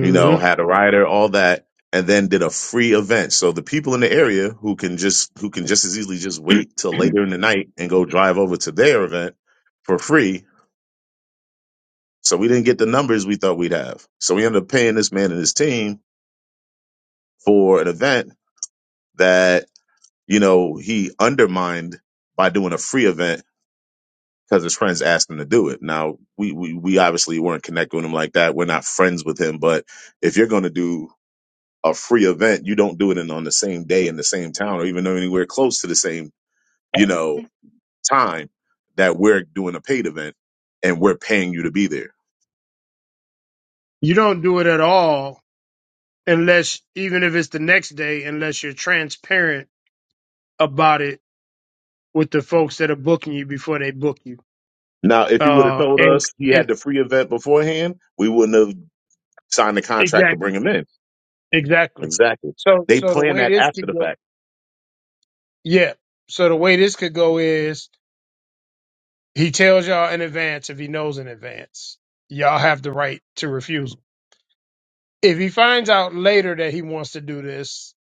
S11: you know, had a rider, all that, and then did a free event. So the people in the area who can just who can just as easily just wait till later in the night and go drive over to their event for free. So we didn't get the numbers we thought we'd have. So we ended up paying this man and his team for an event that, you know, he undermined by doing a free event because his friends asked him to do it. Now we, we we obviously weren't connecting with him like that. We're not friends with him, but if you're gonna do a free event, you don't do it in on the same day in the same town or even anywhere close to the same, you know, time that we're doing a paid event and we're paying you to be there.
S1: You don't do it at all unless even if it's the next day, unless you're transparent about it with the folks that are booking you before they book you.
S11: Now, if he would have
S1: Uh,
S11: told
S1: and
S11: us he
S1: and
S11: had the free event beforehand, we wouldn't have signed the contract to
S1: exactly,
S11: bring him in.
S1: exactly.
S11: Exactly.
S1: So
S11: They
S1: so the
S11: plan
S1: way
S11: that
S1: this
S11: after
S1: could
S11: the
S1: go,
S11: fact.
S1: yeah. So the way this could go is he tells y'all in advance if he knows in advance. Y'all have the right to refuse. him. If he finds out later that he wants to do this,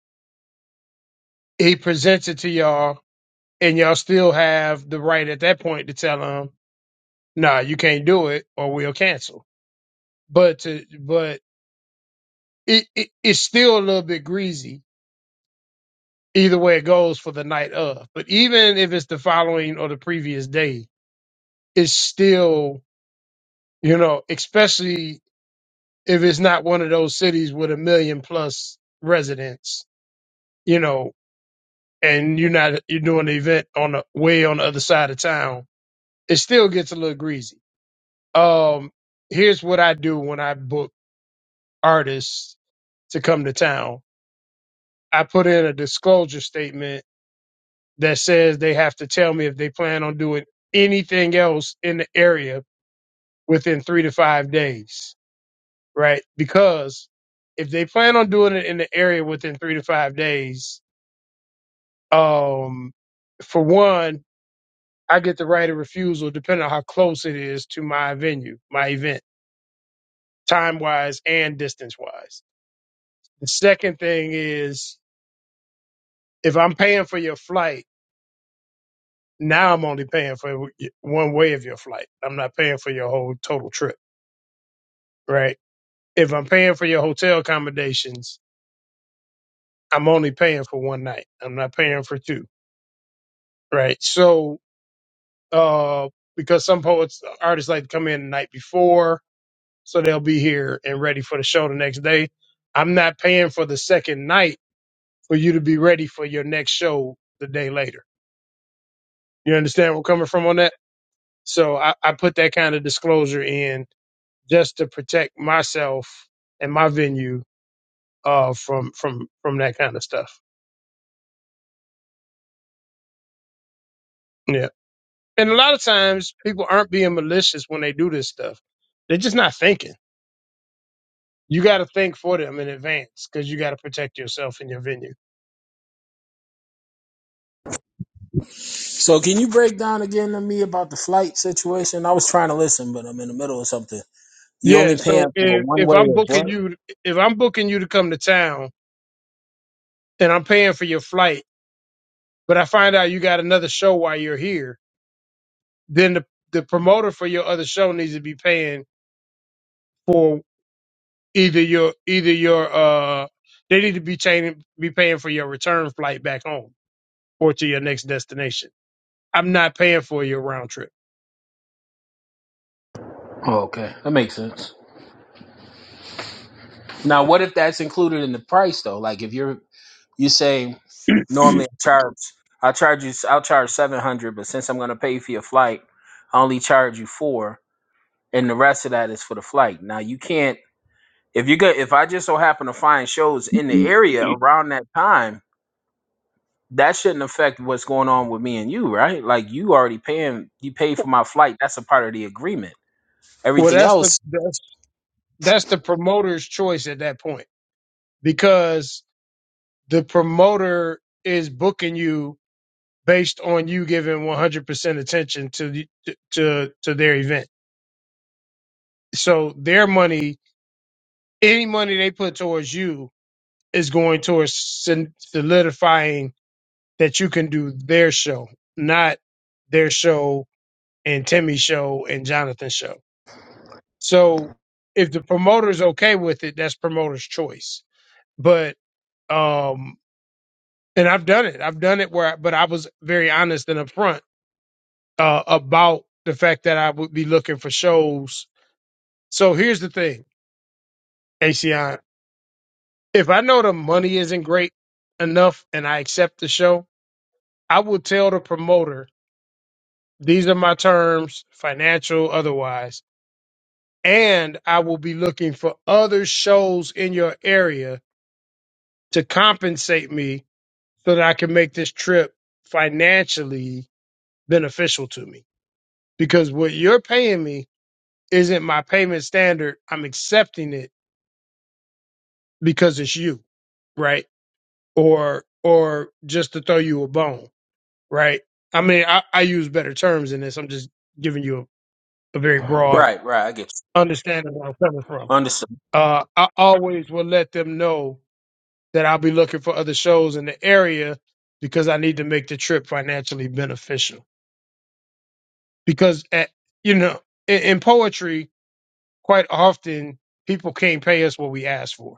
S1: he presents it to y'all, and y'all still have the right at that point to tell him, "Nah, you can't do it, or we'll cancel." but to, but it, it it's still a little bit greasy either way it goes for the night of. But even if it's the following or the previous day, it's still you know, especially if it's not one of those cities with a million plus residents, you know, and you're not you're doing the event on the way on the other side of town, it still gets a little greasy. Um, here's what I do when I book artists to come to town. I put in a disclosure statement that says they have to tell me if they plan on doing anything else in the area within three to five days, right? Because if they plan on doing it in the area within three to five days, um, for one, I get the right of refusal depending on how close it is to my venue, my event, time wise and distance wise. The second thing is if I'm paying for your flight, now I'm only paying for one way of your flight. I'm not paying for your whole total trip, right? if I'm paying for your hotel accommodations, I'm only paying for one night. I'm not paying for two, right? So, uh, because some poets, artists like to come in the night before, so they'll be here and ready for the show the next day. I'm not paying for the second night for you to be ready for your next show the day later. You understand where I'm coming from on that? So I, I put that kind of disclosure in just to protect myself and my venue uh, from from from that kind of stuff. Yeah. and a lot of times people aren't being malicious when they do this stuff. They're just not thinking. You got to think for them in advance because you got to protect yourself and your venue.
S12: So can you break down again to me about the flight situation? I was trying to listen, but I'm in the middle of something. You
S1: Yeah.
S12: only paying
S1: So
S12: for
S1: if,
S12: one
S1: if
S12: way
S1: I'm
S12: or what?
S1: booking you, if I'm booking you to come to town and I'm paying for your flight, but I find out you got another show while you're here, then the, the promoter for your other show needs to be paying for either your, either your, uh, they need to be chaining, be paying for your return flight back home or to your next destination. I'm not paying for your round trip.
S12: Oh, okay, that makes sense. Now, what if that's included in the price though? Like if you're you say normally I charge I charge you I'll charge seven hundred, but since I'm gonna pay for your flight, I only charge you four, and the rest of that is for the flight. Now you can't. If you get, if I just so happen to find shows in the area around that time, that shouldn't affect what's going on with me and you, right? Like you already paying, you paid for my flight. That's a part of the agreement.
S1: Well,
S12: Everything
S1: that's the
S12: else,
S1: that's that's the promoter's choice at that point because the promoter is booking you based on you giving 100% attention to the, to to their event. So their money, any money they put towards you is going towards sol- solidifying that you can do their show, not their show and Timmy's show and Jonathan's show. So if the promoter's okay with it, that's promoter's choice. But um and i've done it i've done it where I, but i was very honest and upfront uh about the fact that i would be looking for shows so here's the thing aci if i know the money isn't great enough and i accept the show i will tell the promoter these are my terms financial otherwise and i will be looking for other shows in your area to compensate me so that i can make this trip financially beneficial to me because what you're paying me isn't my payment standard. I'm accepting it because it's you, right? Or or just to throw you a bone, right? I mean, I, I use better terms in this. I'm just giving you a, a very broad
S12: right? Right. I get you.
S1: understanding of where I'm coming from.
S12: Understood.
S1: Uh, I always will let them know that I'll be looking for other shows in the area because I need to make the trip financially beneficial. Because at you know, in, in poetry, quite often people can't pay us what we ask for.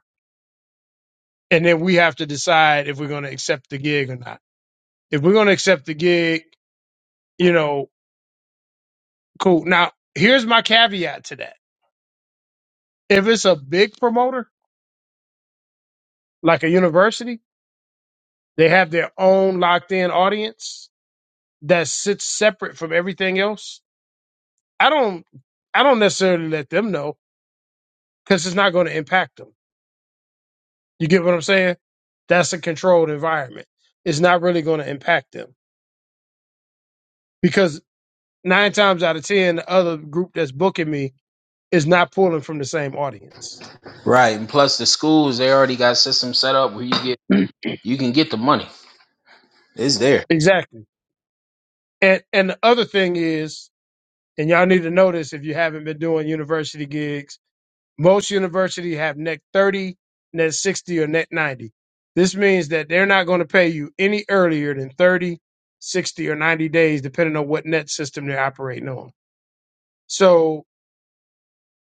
S1: And then we have to decide if we're going to accept the gig or not. If we're going to accept the gig, you know, cool. Now, here's my caveat to that. If it's a big promoter, like a university, they have their own locked in audience that sits separate from everything else. I don't, I don't necessarily let them know because it's not going to impact them. You get what I'm saying? That's a controlled environment. It's not really going to impact them because. nine times out of ten, the other group that's booking me is not pulling from the same audience.
S12: Right. And plus, the schools they already got systems set up where you get you can get the money. It's there.
S1: Exactly. And and the other thing is, and y'all need to know this if you haven't been doing university gigs, most university have net thirty, net sixty, or net ninety. This means that they're not going to pay you any earlier than 30, 60, or 90 days, depending on what net system they're operating on. So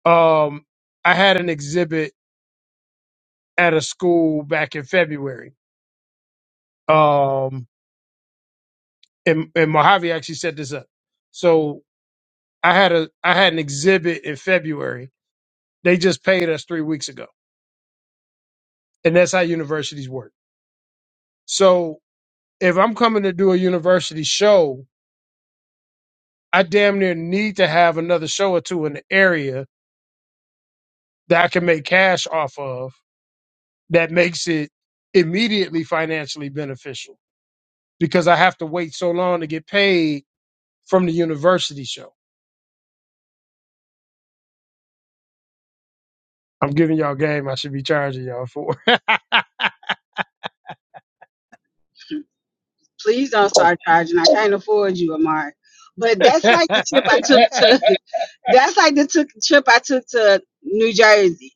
S1: um I had an exhibit at a school back in February. Um and, and Mojave actually set this up. So I had a I had an exhibit in February. They just paid us three weeks ago, and that's how universities work. So if I'm coming to do a university show, I damn near need to have another show or two in the area that I can make cash off of. That makes it immediately financially beneficial because I have to wait so long to get paid from the university show. I'm giving y'all game. I should be charging y'all for.
S4: please don't start charging, I can't afford you, Amari. But that's like the
S1: [LAUGHS]
S4: trip I took to. [LAUGHS] That's like the took trip I took to New Jersey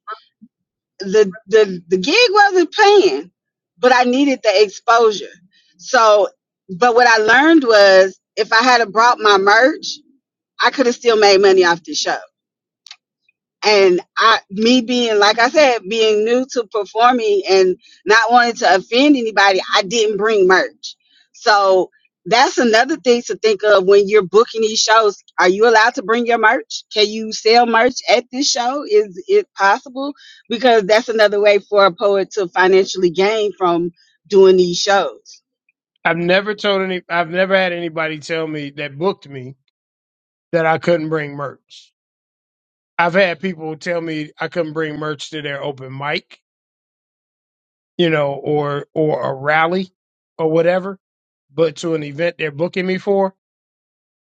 S4: the the the gig wasn't paying, but I needed the exposure. So, but what I learned was if I had have brought my merch, I could have still made money off the show and I, me being like I said, being new to performing and not wanting to offend anybody, I didn't bring merch. So that's another thing to think of when you're booking these shows. Are you allowed to bring your merch? Can you sell merch at this show? Is it possible? Because that's another way for a poet to financially gain from doing these shows.
S1: I've never told any. I've never had anybody tell me that booked me that I couldn't bring merch. I've had people tell me I couldn't bring merch to their open mic, you know, or or a rally, or whatever. But to an event they're booking me for,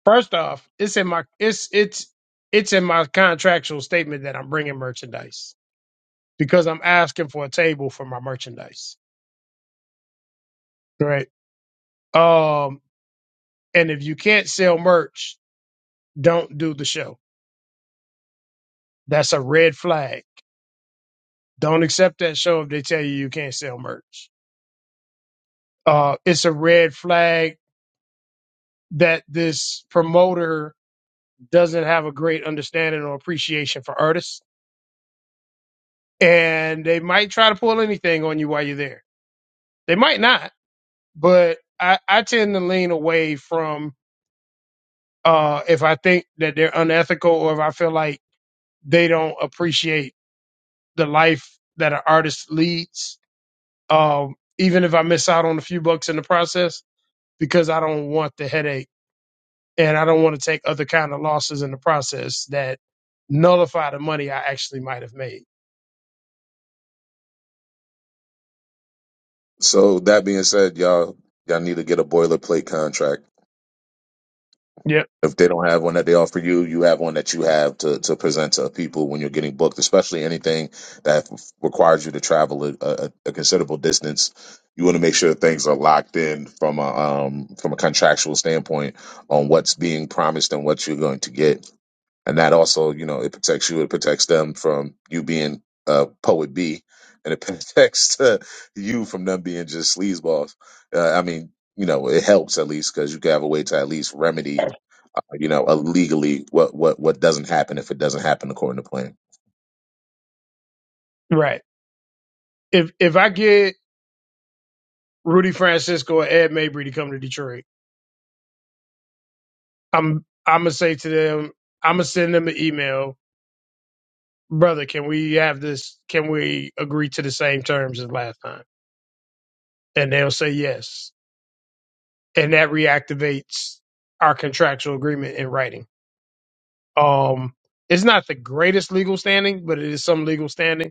S1: first off, it's in my it's it's it's in my contractual statement that I'm bringing merchandise because I'm asking for a table for my merchandise, right? Um, and if you can't sell merch, don't do the show. That's a red flag Don't accept that show if they tell you you can't sell merch. Uh, it's a red flag that this promoter doesn't have a great understanding or appreciation for artists. And they might try to pull anything on you while you're there. They might not, but I, I tend to lean away from uh, if I think that they're unethical or if I feel like they don't appreciate the life that an artist leads, um, even if I miss out on a few bucks in the process, because I don't want the headache and I don't want to take other kind of losses in the process that nullify the money I actually might have made.
S11: So that being said, y'all y'all need to get a boilerplate contract.
S1: Yep.
S11: If they don't have one that they offer you, you have one that you have to, to present to people when you're getting booked, especially anything that f- requires you to travel a, a, a considerable distance. You want to make sure that things are locked in from a um, from a contractual standpoint on what's being promised and what you're going to get, and that also, you know, it protects you. It protects them from you being uh, poet B, and it [LAUGHS] protects uh, you from them being just sleazeballs. Uh, I mean, you know, it helps at least because you can have a way to at least remedy you know, illegally what what what doesn't happen if it doesn't happen according to plan.
S1: Right. If if I get Rudy Francisco or Ed Mabry to come to Detroit, I'm I'm gonna say to them, I'm gonna send them an email, brother. Can we have this? Can we agree to the same terms as last time? And they'll say yes, and that reactivates our contractual agreement in writing. Um, it's not the greatest legal standing, but it is some legal standing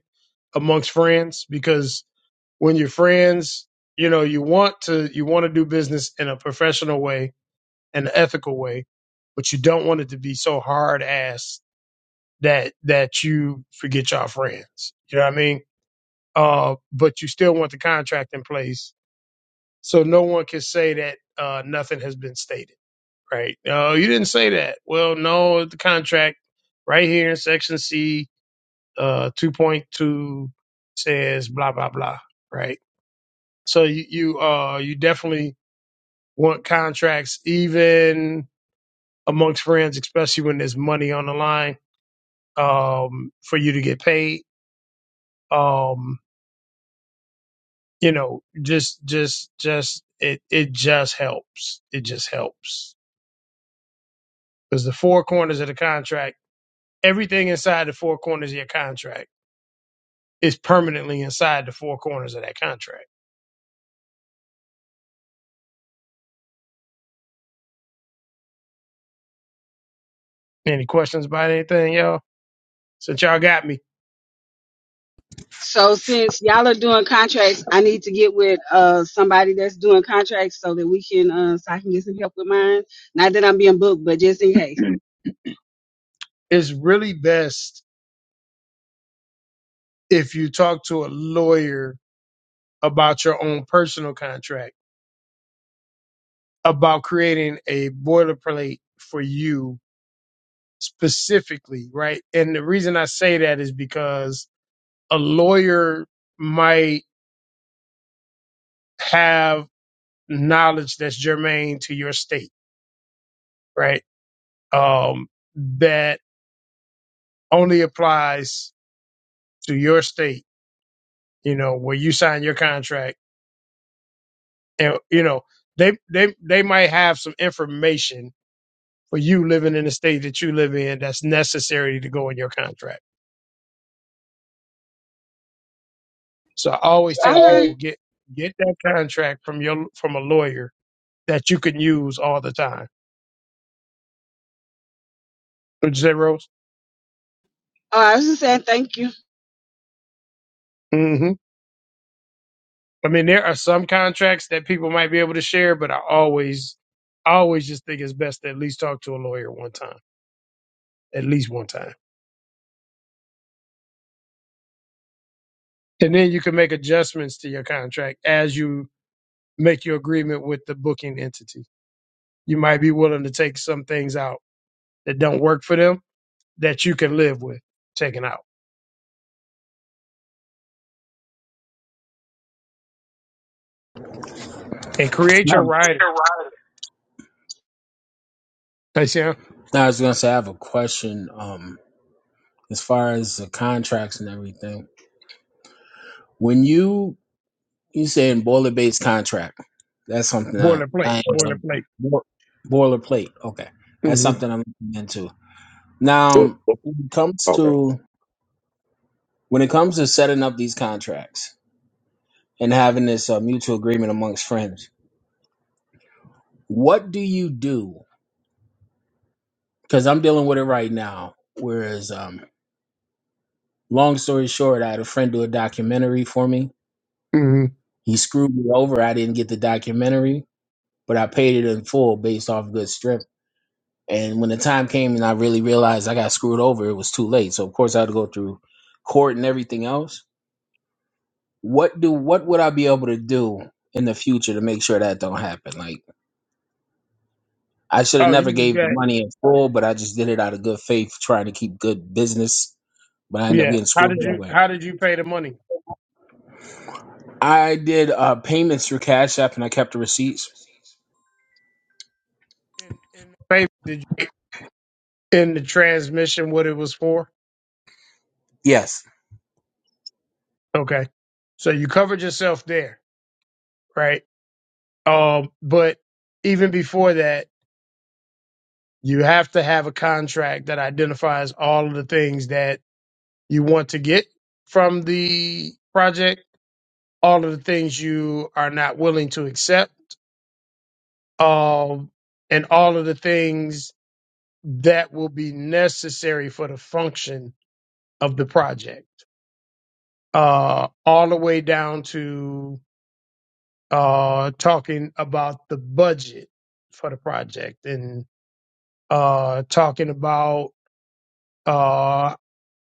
S1: amongst friends because when you're friends, you know, you want to you want to do business in a professional way an ethical way, but you don't want it to be so hard ass that that you forget your friends. You know what I mean? Uh, but you still want the contract in place so no one can say that uh, nothing has been stated. Right? No, you didn't say that. Well, no, the contract right here in section C, uh, two point two says blah blah blah. Right? So you you uh you definitely want contracts even amongst friends, especially when there's money on the line um for you to get paid. Um, you know, just just just it it just helps. It just helps. Because the four corners of the contract, everything inside the four corners of your contract is permanently inside the four corners of that contract. Any questions about anything, y'all? Since y'all got me,
S4: So since y'all are doing contracts, I need to get with uh somebody that's doing contracts so that we can uh so I can get some help with mine. Not that I'm being booked, but just in case.
S1: it's really best if you talk to a lawyer about your own personal contract, about creating a boilerplate for you specifically, right? And the reason I say that is because a lawyer might have knowledge that's germane to your state, right? Um, that only applies to your state, you know, where you sign your contract. And, you know, they, they, they might have some information for you living in the state that you live in that's necessary to go in your contract So I always
S4: All
S1: tell
S4: right.
S1: people get get that contract from your from a lawyer that you can use all the time. Would you say, Rose?
S4: Oh, I was just saying thank you.
S1: hmm I mean, there are some contracts that people might be able to share, but I always I always just think it's best to at least talk to a lawyer one time, at least one time, and then you can make adjustments to your contract as you make your agreement with the booking entity. You might be willing to take some things out that don't work for them that you can live with taking out and create your
S12: Um,
S1: rider.
S12: Now, I was gonna say I have a question. Um, as far as the contracts and everything, when you You saying boiler based contract? That's something I
S1: Boilerplate,
S12: I ain't gonna-
S1: boilerplate.
S12: bo- boilerplate. Okay, that's
S1: hmm
S12: something I'm looking into.
S11: So,
S12: Now,
S11: okay.
S12: when it comes
S11: Yep,
S12: to when it comes to setting up these contracts and having this uh, mutual agreement amongst friends, what do you do? Because I'm dealing with it right now. Whereas, um, long story short, I had a friend do a documentary for me.
S1: hmm
S12: He screwed me over. I didn't get the documentary, but I paid it in full based off good strip. And when the time came and I really realized I got screwed over, it was too late. So of course I had to go through court and everything else. What do what would I be able to do in the future to make sure that don't happen? Like I should have
S1: Oh, you
S12: never
S1: just
S12: gave the
S1: got
S12: money in full, but I just did it out of good faith, trying to keep good business. But I ended up
S1: yeah.
S12: getting
S1: How
S12: screwed
S1: did
S12: that
S1: you
S12: way.
S1: how did you pay the money?
S12: I did uh, payments through Cash App and I kept the receipts.
S1: In in pay did you in the transmission what it was for?
S12: Yes.
S1: Okay. So you covered yourself there, right? Um, but even before that, you have to have a contract that identifies all of the things that you want to get from the project, all of the things you are not willing to accept, um, and all of the things that will be necessary for the function of the project, uh, all the way down to uh, talking about the budget for the project and uh, talking about uh,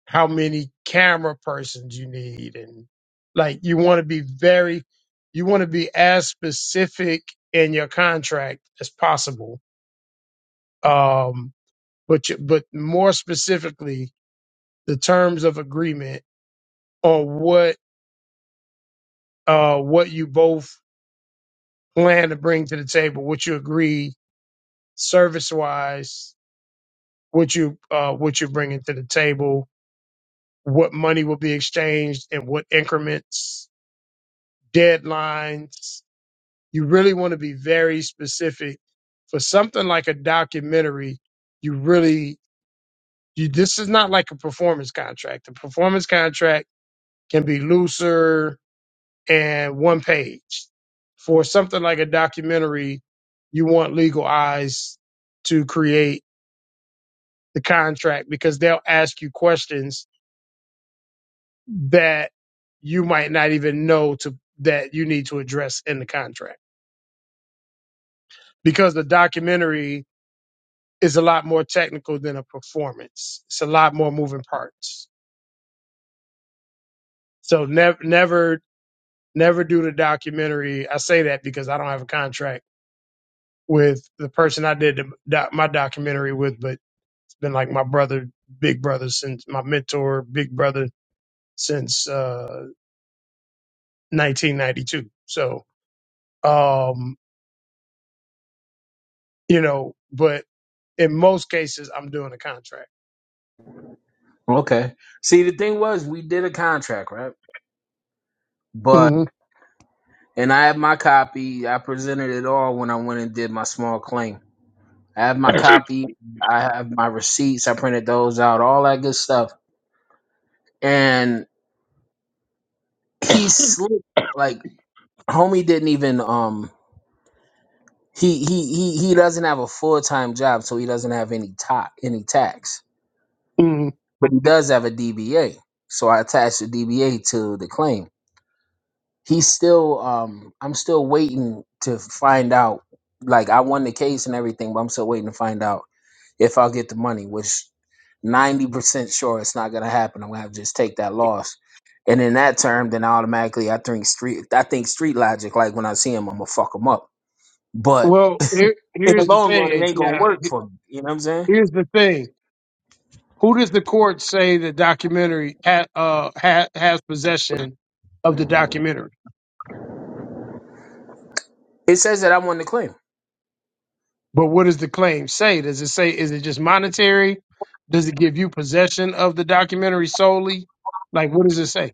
S1: how many camera persons you need. And like, you want to be very, you want to be as specific in your contract as possible. Um, but, you, but more specifically, the terms of agreement on what uh what you both plan to bring to the table, what you agree service wise, what you uh what you're bringing to the table, what money will be exchanged and what increments, deadlines. You really want to be very specific for something like a documentary. You really you this is not like a performance contract. The performance contract can be looser, and one page. For something like a documentary, you want legal eyes to create the contract because they'll ask you questions that you might not even know to that you need to address in the contract because the documentary is a lot more technical than a performance. It's a lot more moving parts. So never never never do the documentary. I say that because I don't have a contract with the person I did the, doc, my documentary with, but been like my brother, big brother since my mentor, big brother since uh, 1992. So, um, you know, but in most cases, I'm doing a contract.
S12: Okay. See, the thing was, we did a contract, right? But
S1: hmm
S12: and I have my copy. I presented it all when I went and did my small claim. I have my copy. I have my receipts. I printed those out, all that good stuff. And he slipped like homie didn't even um he he he he doesn't have a full time job, so he doesn't have any ta any tax.
S1: hmm
S12: But he does have a DBA. So I attached the DBA to the claim. He's still um I'm still waiting to find out like I won the case and everything, but I'm still waiting to find out if I get the money, which 90% sure it's not gonna happen. I'm gonna have to just take that loss. And in that term, then automatically I think street I think street logic, like when I see him, I'm gonna fuck him up. But
S1: Well, here,
S12: in the
S1: here's the
S12: long
S1: thing.
S12: run, it
S1: It's,
S12: ain't gonna
S1: Yeah,
S12: work
S1: he-
S12: for me. You know what I'm saying?
S1: here's the thing. Who does the court say the documentary ha, uh, ha, has possession of the documentary?
S12: It says that I won the claim.
S1: But what does the claim say? Does it say is it just monetary? Does it give you possession of the documentary solely? Like, what does it say?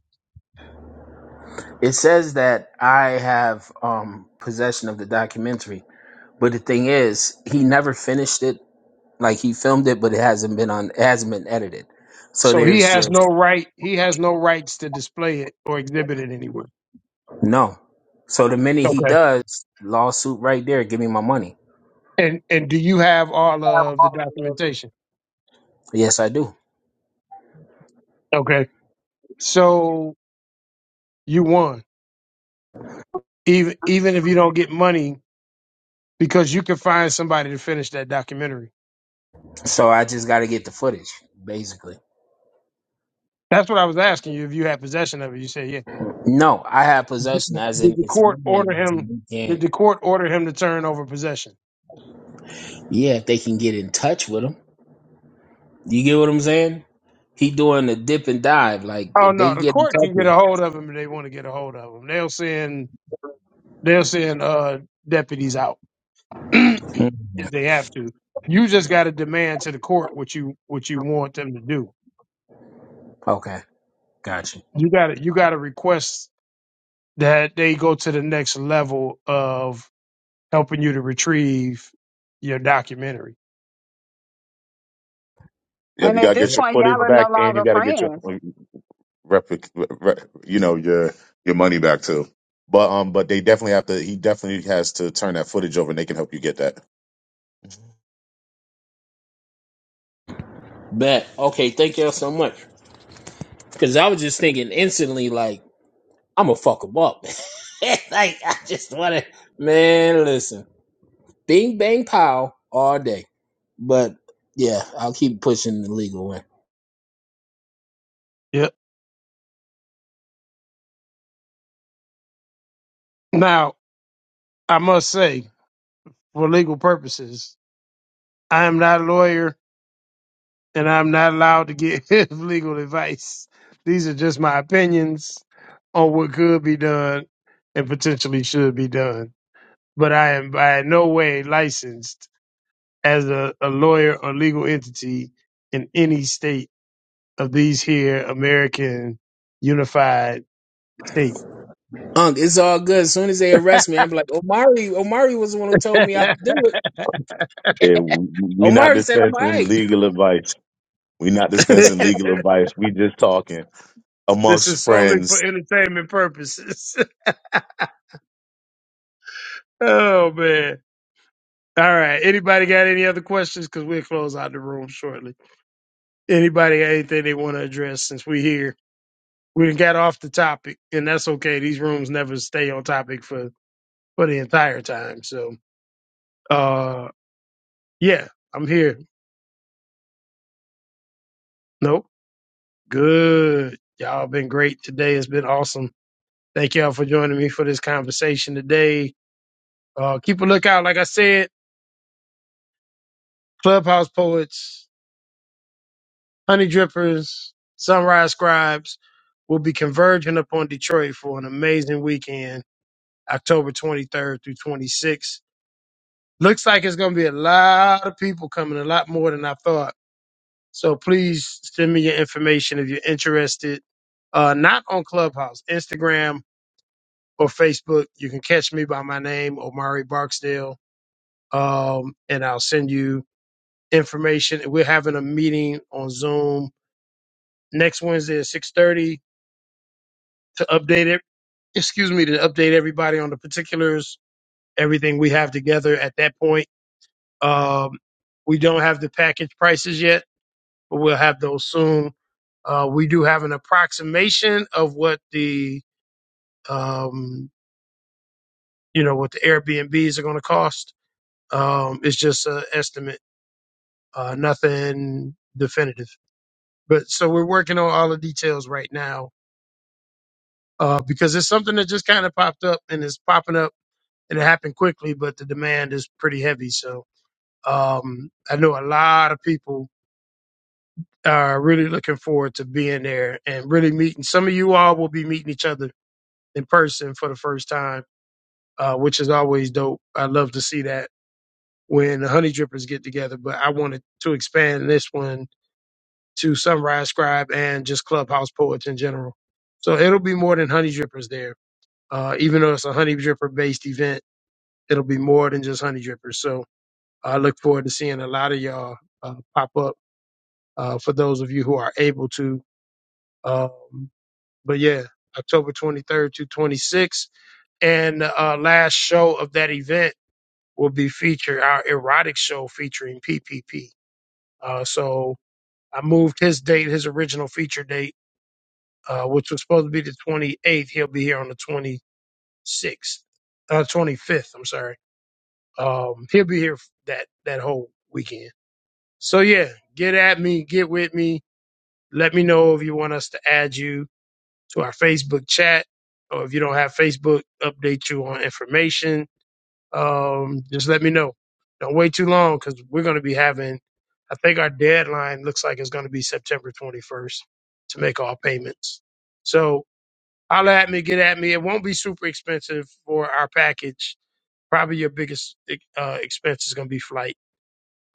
S12: It says that I have um possession of the documentary. But the thing is, he never finished it. Like he filmed it, but it hasn't been on it hasn't been edited. So
S1: So he
S12: there's
S1: has
S12: just
S1: no right. He has no rights to display it or exhibit it anywhere.
S12: No. So the minute he
S1: Okay.
S12: does, lawsuit right there, give me my money.
S1: And and do you have all of the documentation?
S12: Yes, I do.
S1: Okay. So you won. Even even if you don't get money, because you can find somebody to finish that documentary.
S12: So I just got to get the footage, basically.
S1: That's what I was asking you. If you had possession of it, you said yeah.
S12: No, I have
S1: Did
S12: possession as
S1: did
S12: in
S1: the
S12: it's
S1: court order
S12: mine. as in
S1: him?
S12: You
S1: Did
S12: can't.
S1: the court order him to turn over possession?
S12: Yeah, if they can get in touch with him. You get what I'm saying? He doing the dip and dive. Like
S1: Oh
S12: if
S1: no,
S12: they
S1: the
S12: get in
S1: court
S12: touch
S1: can get
S12: with
S1: a
S12: him.
S1: hold of him if they want to get a hold of him. They'll send they'll send uh deputies out. [CLEARS THROAT]
S12: Mm,
S1: if they have to. You just got to demand to the court what you what you want them to do.
S12: Okay, gotcha.
S1: You got to you got to request that they go to the next level of helping you to retrieve your documentary.
S11: Yep.
S4: And
S11: you
S4: at
S11: gotta
S4: this
S1: Yep.
S11: get your
S4: point, y'all
S11: footage
S4: are no
S11: back, and you
S4: longer
S11: gotta get your
S4: friends.
S11: replic, re, you know, your your money back too. But um, but they definitely have to. He definitely has to turn that footage over, and they can help you get that.
S12: Bet. Okay, thank y'all so much. Because I was just thinking instantly, like I'm gonna fuck him up. [LAUGHS] like I just wanna. Man, listen. Bing bang pow all day. But yeah, I'll keep pushing the legal way.
S1: Yep. Now, I must say, for legal purposes, I am not a lawyer and I'm not allowed to give [LAUGHS] legal advice. These are just my opinions on what could be done and potentially should be done. but I am by no way licensed as a, a lawyer or legal entity in any state of these here American unified state.
S12: Unk, it's all good. As soon as they arrest me, I'm like, Omari, Omari was the one who told me I could do it.
S11: Yeah, we're not
S12: Omari said I'm all
S11: dispensing
S12: right.
S11: legal advice. We're not
S1: [LAUGHS]
S12: [LAUGHS]
S11: dispensing
S1: this
S11: legal advice. We just talking amongst
S1: is solely for
S11: friends
S1: entertainment purposes. [LAUGHS] oh man. All right. Anybody got any other questions? Because we'll close out the room shortly. Anybody got anything they want to address since we here? We done got off the topic, and that's okay. These rooms never stay on topic for for the entire time. So, uh, yeah, I'm here. Nope. Good. Y'all been great today. It's been awesome. Thank y'all for joining me for this conversation today. Uh, keep a lookout. Like I said, Clubhouse Poets, Honey Drippers, Sunrise Scribes will be converging upon Detroit for an amazing weekend, October 23rd through 26th. Looks like it's going to be a lot of people coming, a lot more than I thought. So please send me your information if you're interested. Uh, not on Clubhouse, Instagram, or Facebook. You can catch me by my name, Omari Barksdale, um, and I'll send you information. We're having a meeting on Zoom next Wednesday at six thirty to update it. Excuse me, to update everybody on the particulars, everything we have together at that point. Um, we don't have the package prices yet, but we'll have those soon. Uh, we do have an approximation of what the um, you know what the Airbnbs are going to cost. Um, it's just an estimate uh, nothing definitive. But so we're working on all the details right now uh, because it's something that just kind of popped up and it's popping up and it happened quickly, but the demand is pretty heavy. So um, I know a lot of people are really looking forward to being there and really meeting. Some of you all will be meeting each other in person for the first time, uh, which is always dope. I love to see that when the honey drippers get together, but I wanted to expand this one to Sunrise Scribe and just Clubhouse Poets in general. So it'll be more than Honey Drippers there. Uh, even though it's a Honey Dripper based event, it'll be more than just Honey Drippers. So I look forward to seeing a lot of y'all uh, pop up uh, for those of you who are able to. Um, but yeah, October 23rd to 26th. And uh, last show of that event will be featured our erotic show featuring P P P. Uh, so I moved his date, his original feature date uh, which was supposed to be the 28th. He'll be here on the 26th, uh, 25th. I'm sorry. Um, he'll be here that that whole weekend. So yeah, get at me, get with me. Let me know if you want us to add you to our Facebook chat, or if you don't have Facebook, update you on information. Um, just let me know. Don't wait too long because we're going to be having. I think our deadline looks like it's going to be September 21st to make all payments. So Holler at me, get at me. It won't be super expensive for our package. Probably your biggest eh, uh, expense is going to be flight.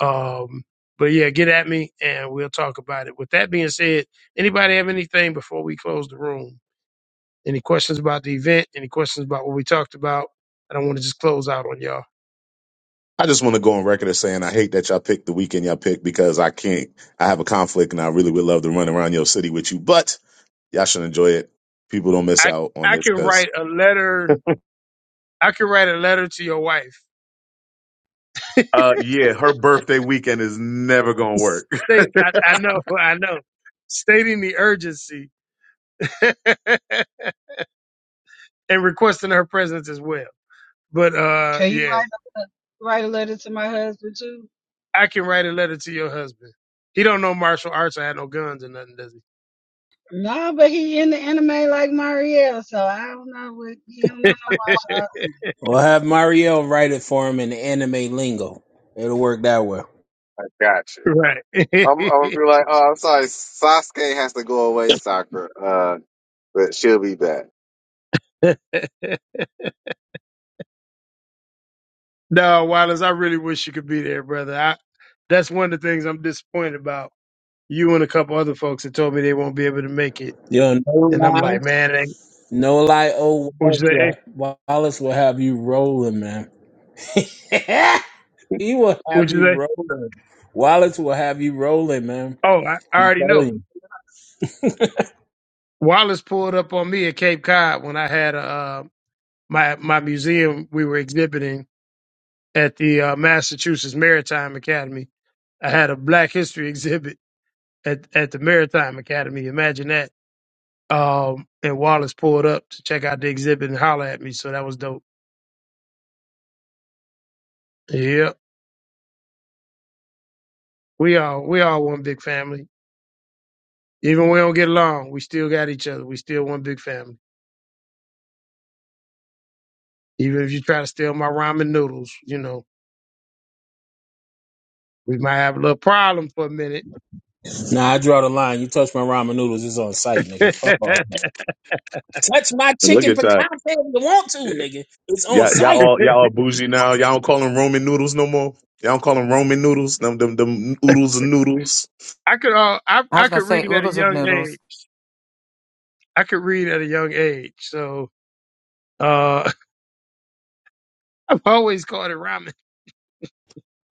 S1: Um, but yeah, get at me and we'll talk about it. With that being said, anybody have anything before we close the room? Any questions about the event? Any questions about what we talked about? I don't want to just close out on y'all.
S11: I just want to go on record as saying I hate that y'all picked the weekend y'all picked because I can't. I have a conflict and I really would love to run around your city with you, but y'all should enjoy it. People don't miss
S1: I
S11: out on
S1: I
S11: this
S1: can
S11: because
S1: write a letter. I can write a letter to your wife.
S11: Uh, yeah, her birthday weekend is never gonna work.
S1: State I, I know, [LAUGHS] I know. Stating the urgency [LAUGHS] and requesting her presence as well. But uh,
S4: Can you
S1: yeah,
S4: write write a letter to my husband too?
S1: I can write a letter to your husband. He don't know martial arts. I had no guns or nothing, does
S4: No, but he in the anime like Marielle, so I don't know what he don't know no martial arts.
S12: We'll have Mariel write it for him in anime lingo. It'll work that way.
S7: I got you. I'm, I'm gonna
S1: he?
S7: be like, oh, I'm sorry, Sasuke has to go away, Sakura, Uh, but she'll be back.
S1: [LAUGHS] right. [LAUGHS] no, Wallace, I really wish you could be there, brother. I, that's one of the things I'm disappointed about. You and a couple other folks that told me they won't be able to make it,
S12: You know, no
S1: and I'm
S12: lie,
S1: like, man, that-
S12: no lie. Oh,
S1: what you
S12: Wallace
S1: say? Hey,
S12: will Wallace will have you rolling, man. [LAUGHS] he will
S1: What
S12: have
S1: you
S12: you
S1: say?
S12: rolling. Wallace will have you rolling, man.
S1: Oh, I, I
S12: I'm
S1: already
S12: telling
S1: know.
S12: you.
S1: Wallace pulled up on me at Cape Cod when I had uh, my my museum we were exhibiting at the uh, Massachusetts Maritime Academy. I had a Black History exhibit at, at the Maritime Academy. Imagine that. Um, and Wallace pulled up to check out the exhibit and holler at me. So that was dope. Yeah, We all we all one big family. Even when we don't get along, we still got each other. We still one big family. Even if you try to steal my ramen noodles, you know, we might have a little problem for a minute.
S12: Nah, I draw the line. You touch my ramen noodles, it's on site, nigga.
S1: [LAUGHS]
S12: Fuck off.
S1: I
S12: Touch my
S11: [LAUGHS] Look
S12: chicken
S11: at that.
S12: piccata if you want to, nigga. It's on
S11: Y'all, y'all
S12: site.
S11: all y'all all bougie now. Y'all don't call them Roman noodles no more. Y'all don't call them Roman noodles. Them them them oodles and noodles.
S1: could uh, I
S14: I
S1: I
S14: was gonna
S1: could
S14: say
S1: read at a
S14: oodles of
S1: young
S14: noodles.
S1: age. I could read at a young age. So uh, [LAUGHS] I've always called it ramen.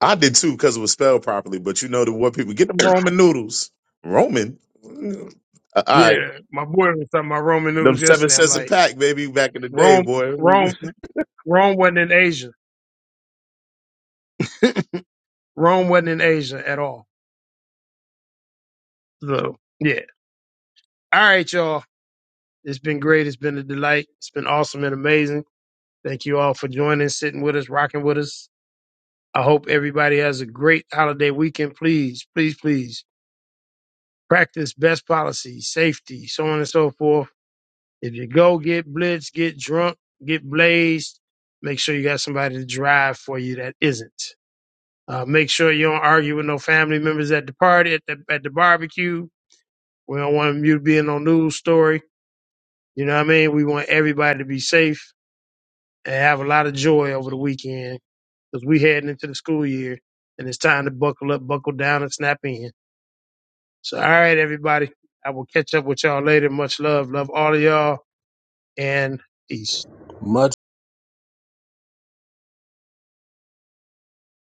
S11: I did too because it was spelled properly. But you know the what people get them Roman noodles. Roman. Mm. Uh, All right.
S1: Yeah, my boy was talking about Roman
S11: Them
S1: noodles
S11: seven
S1: yesterday. I'm
S11: cents a
S1: like,
S11: pack, baby, back in the day,
S1: Rome,
S11: boy. We,
S1: Rome, Rome wasn't in Asia. [LAUGHS] Rome wasn't in Asia at all. So yeah. All right, y'all. It's been great. It's been a delight. It's been awesome and amazing. Thank you all for joining, sitting with us, rocking with us. I hope everybody has a great holiday weekend. Please, please, please practice best policy, safety, so on and so forth If you go get blitzed, get drunk, get blazed, make sure you got somebody to drive for you that isn't. Uh, make sure you don't argue with no family members at the party, at the, at the barbecue. We don't want you to be in no news story. You know what I mean? We want everybody to be safe and have a lot of joy over the weekend because we heading into the school year and it's time to buckle up, buckle down, and snap in. So, all right, everybody, I will catch up with y'all later. Much love. Love all of y'all and peace.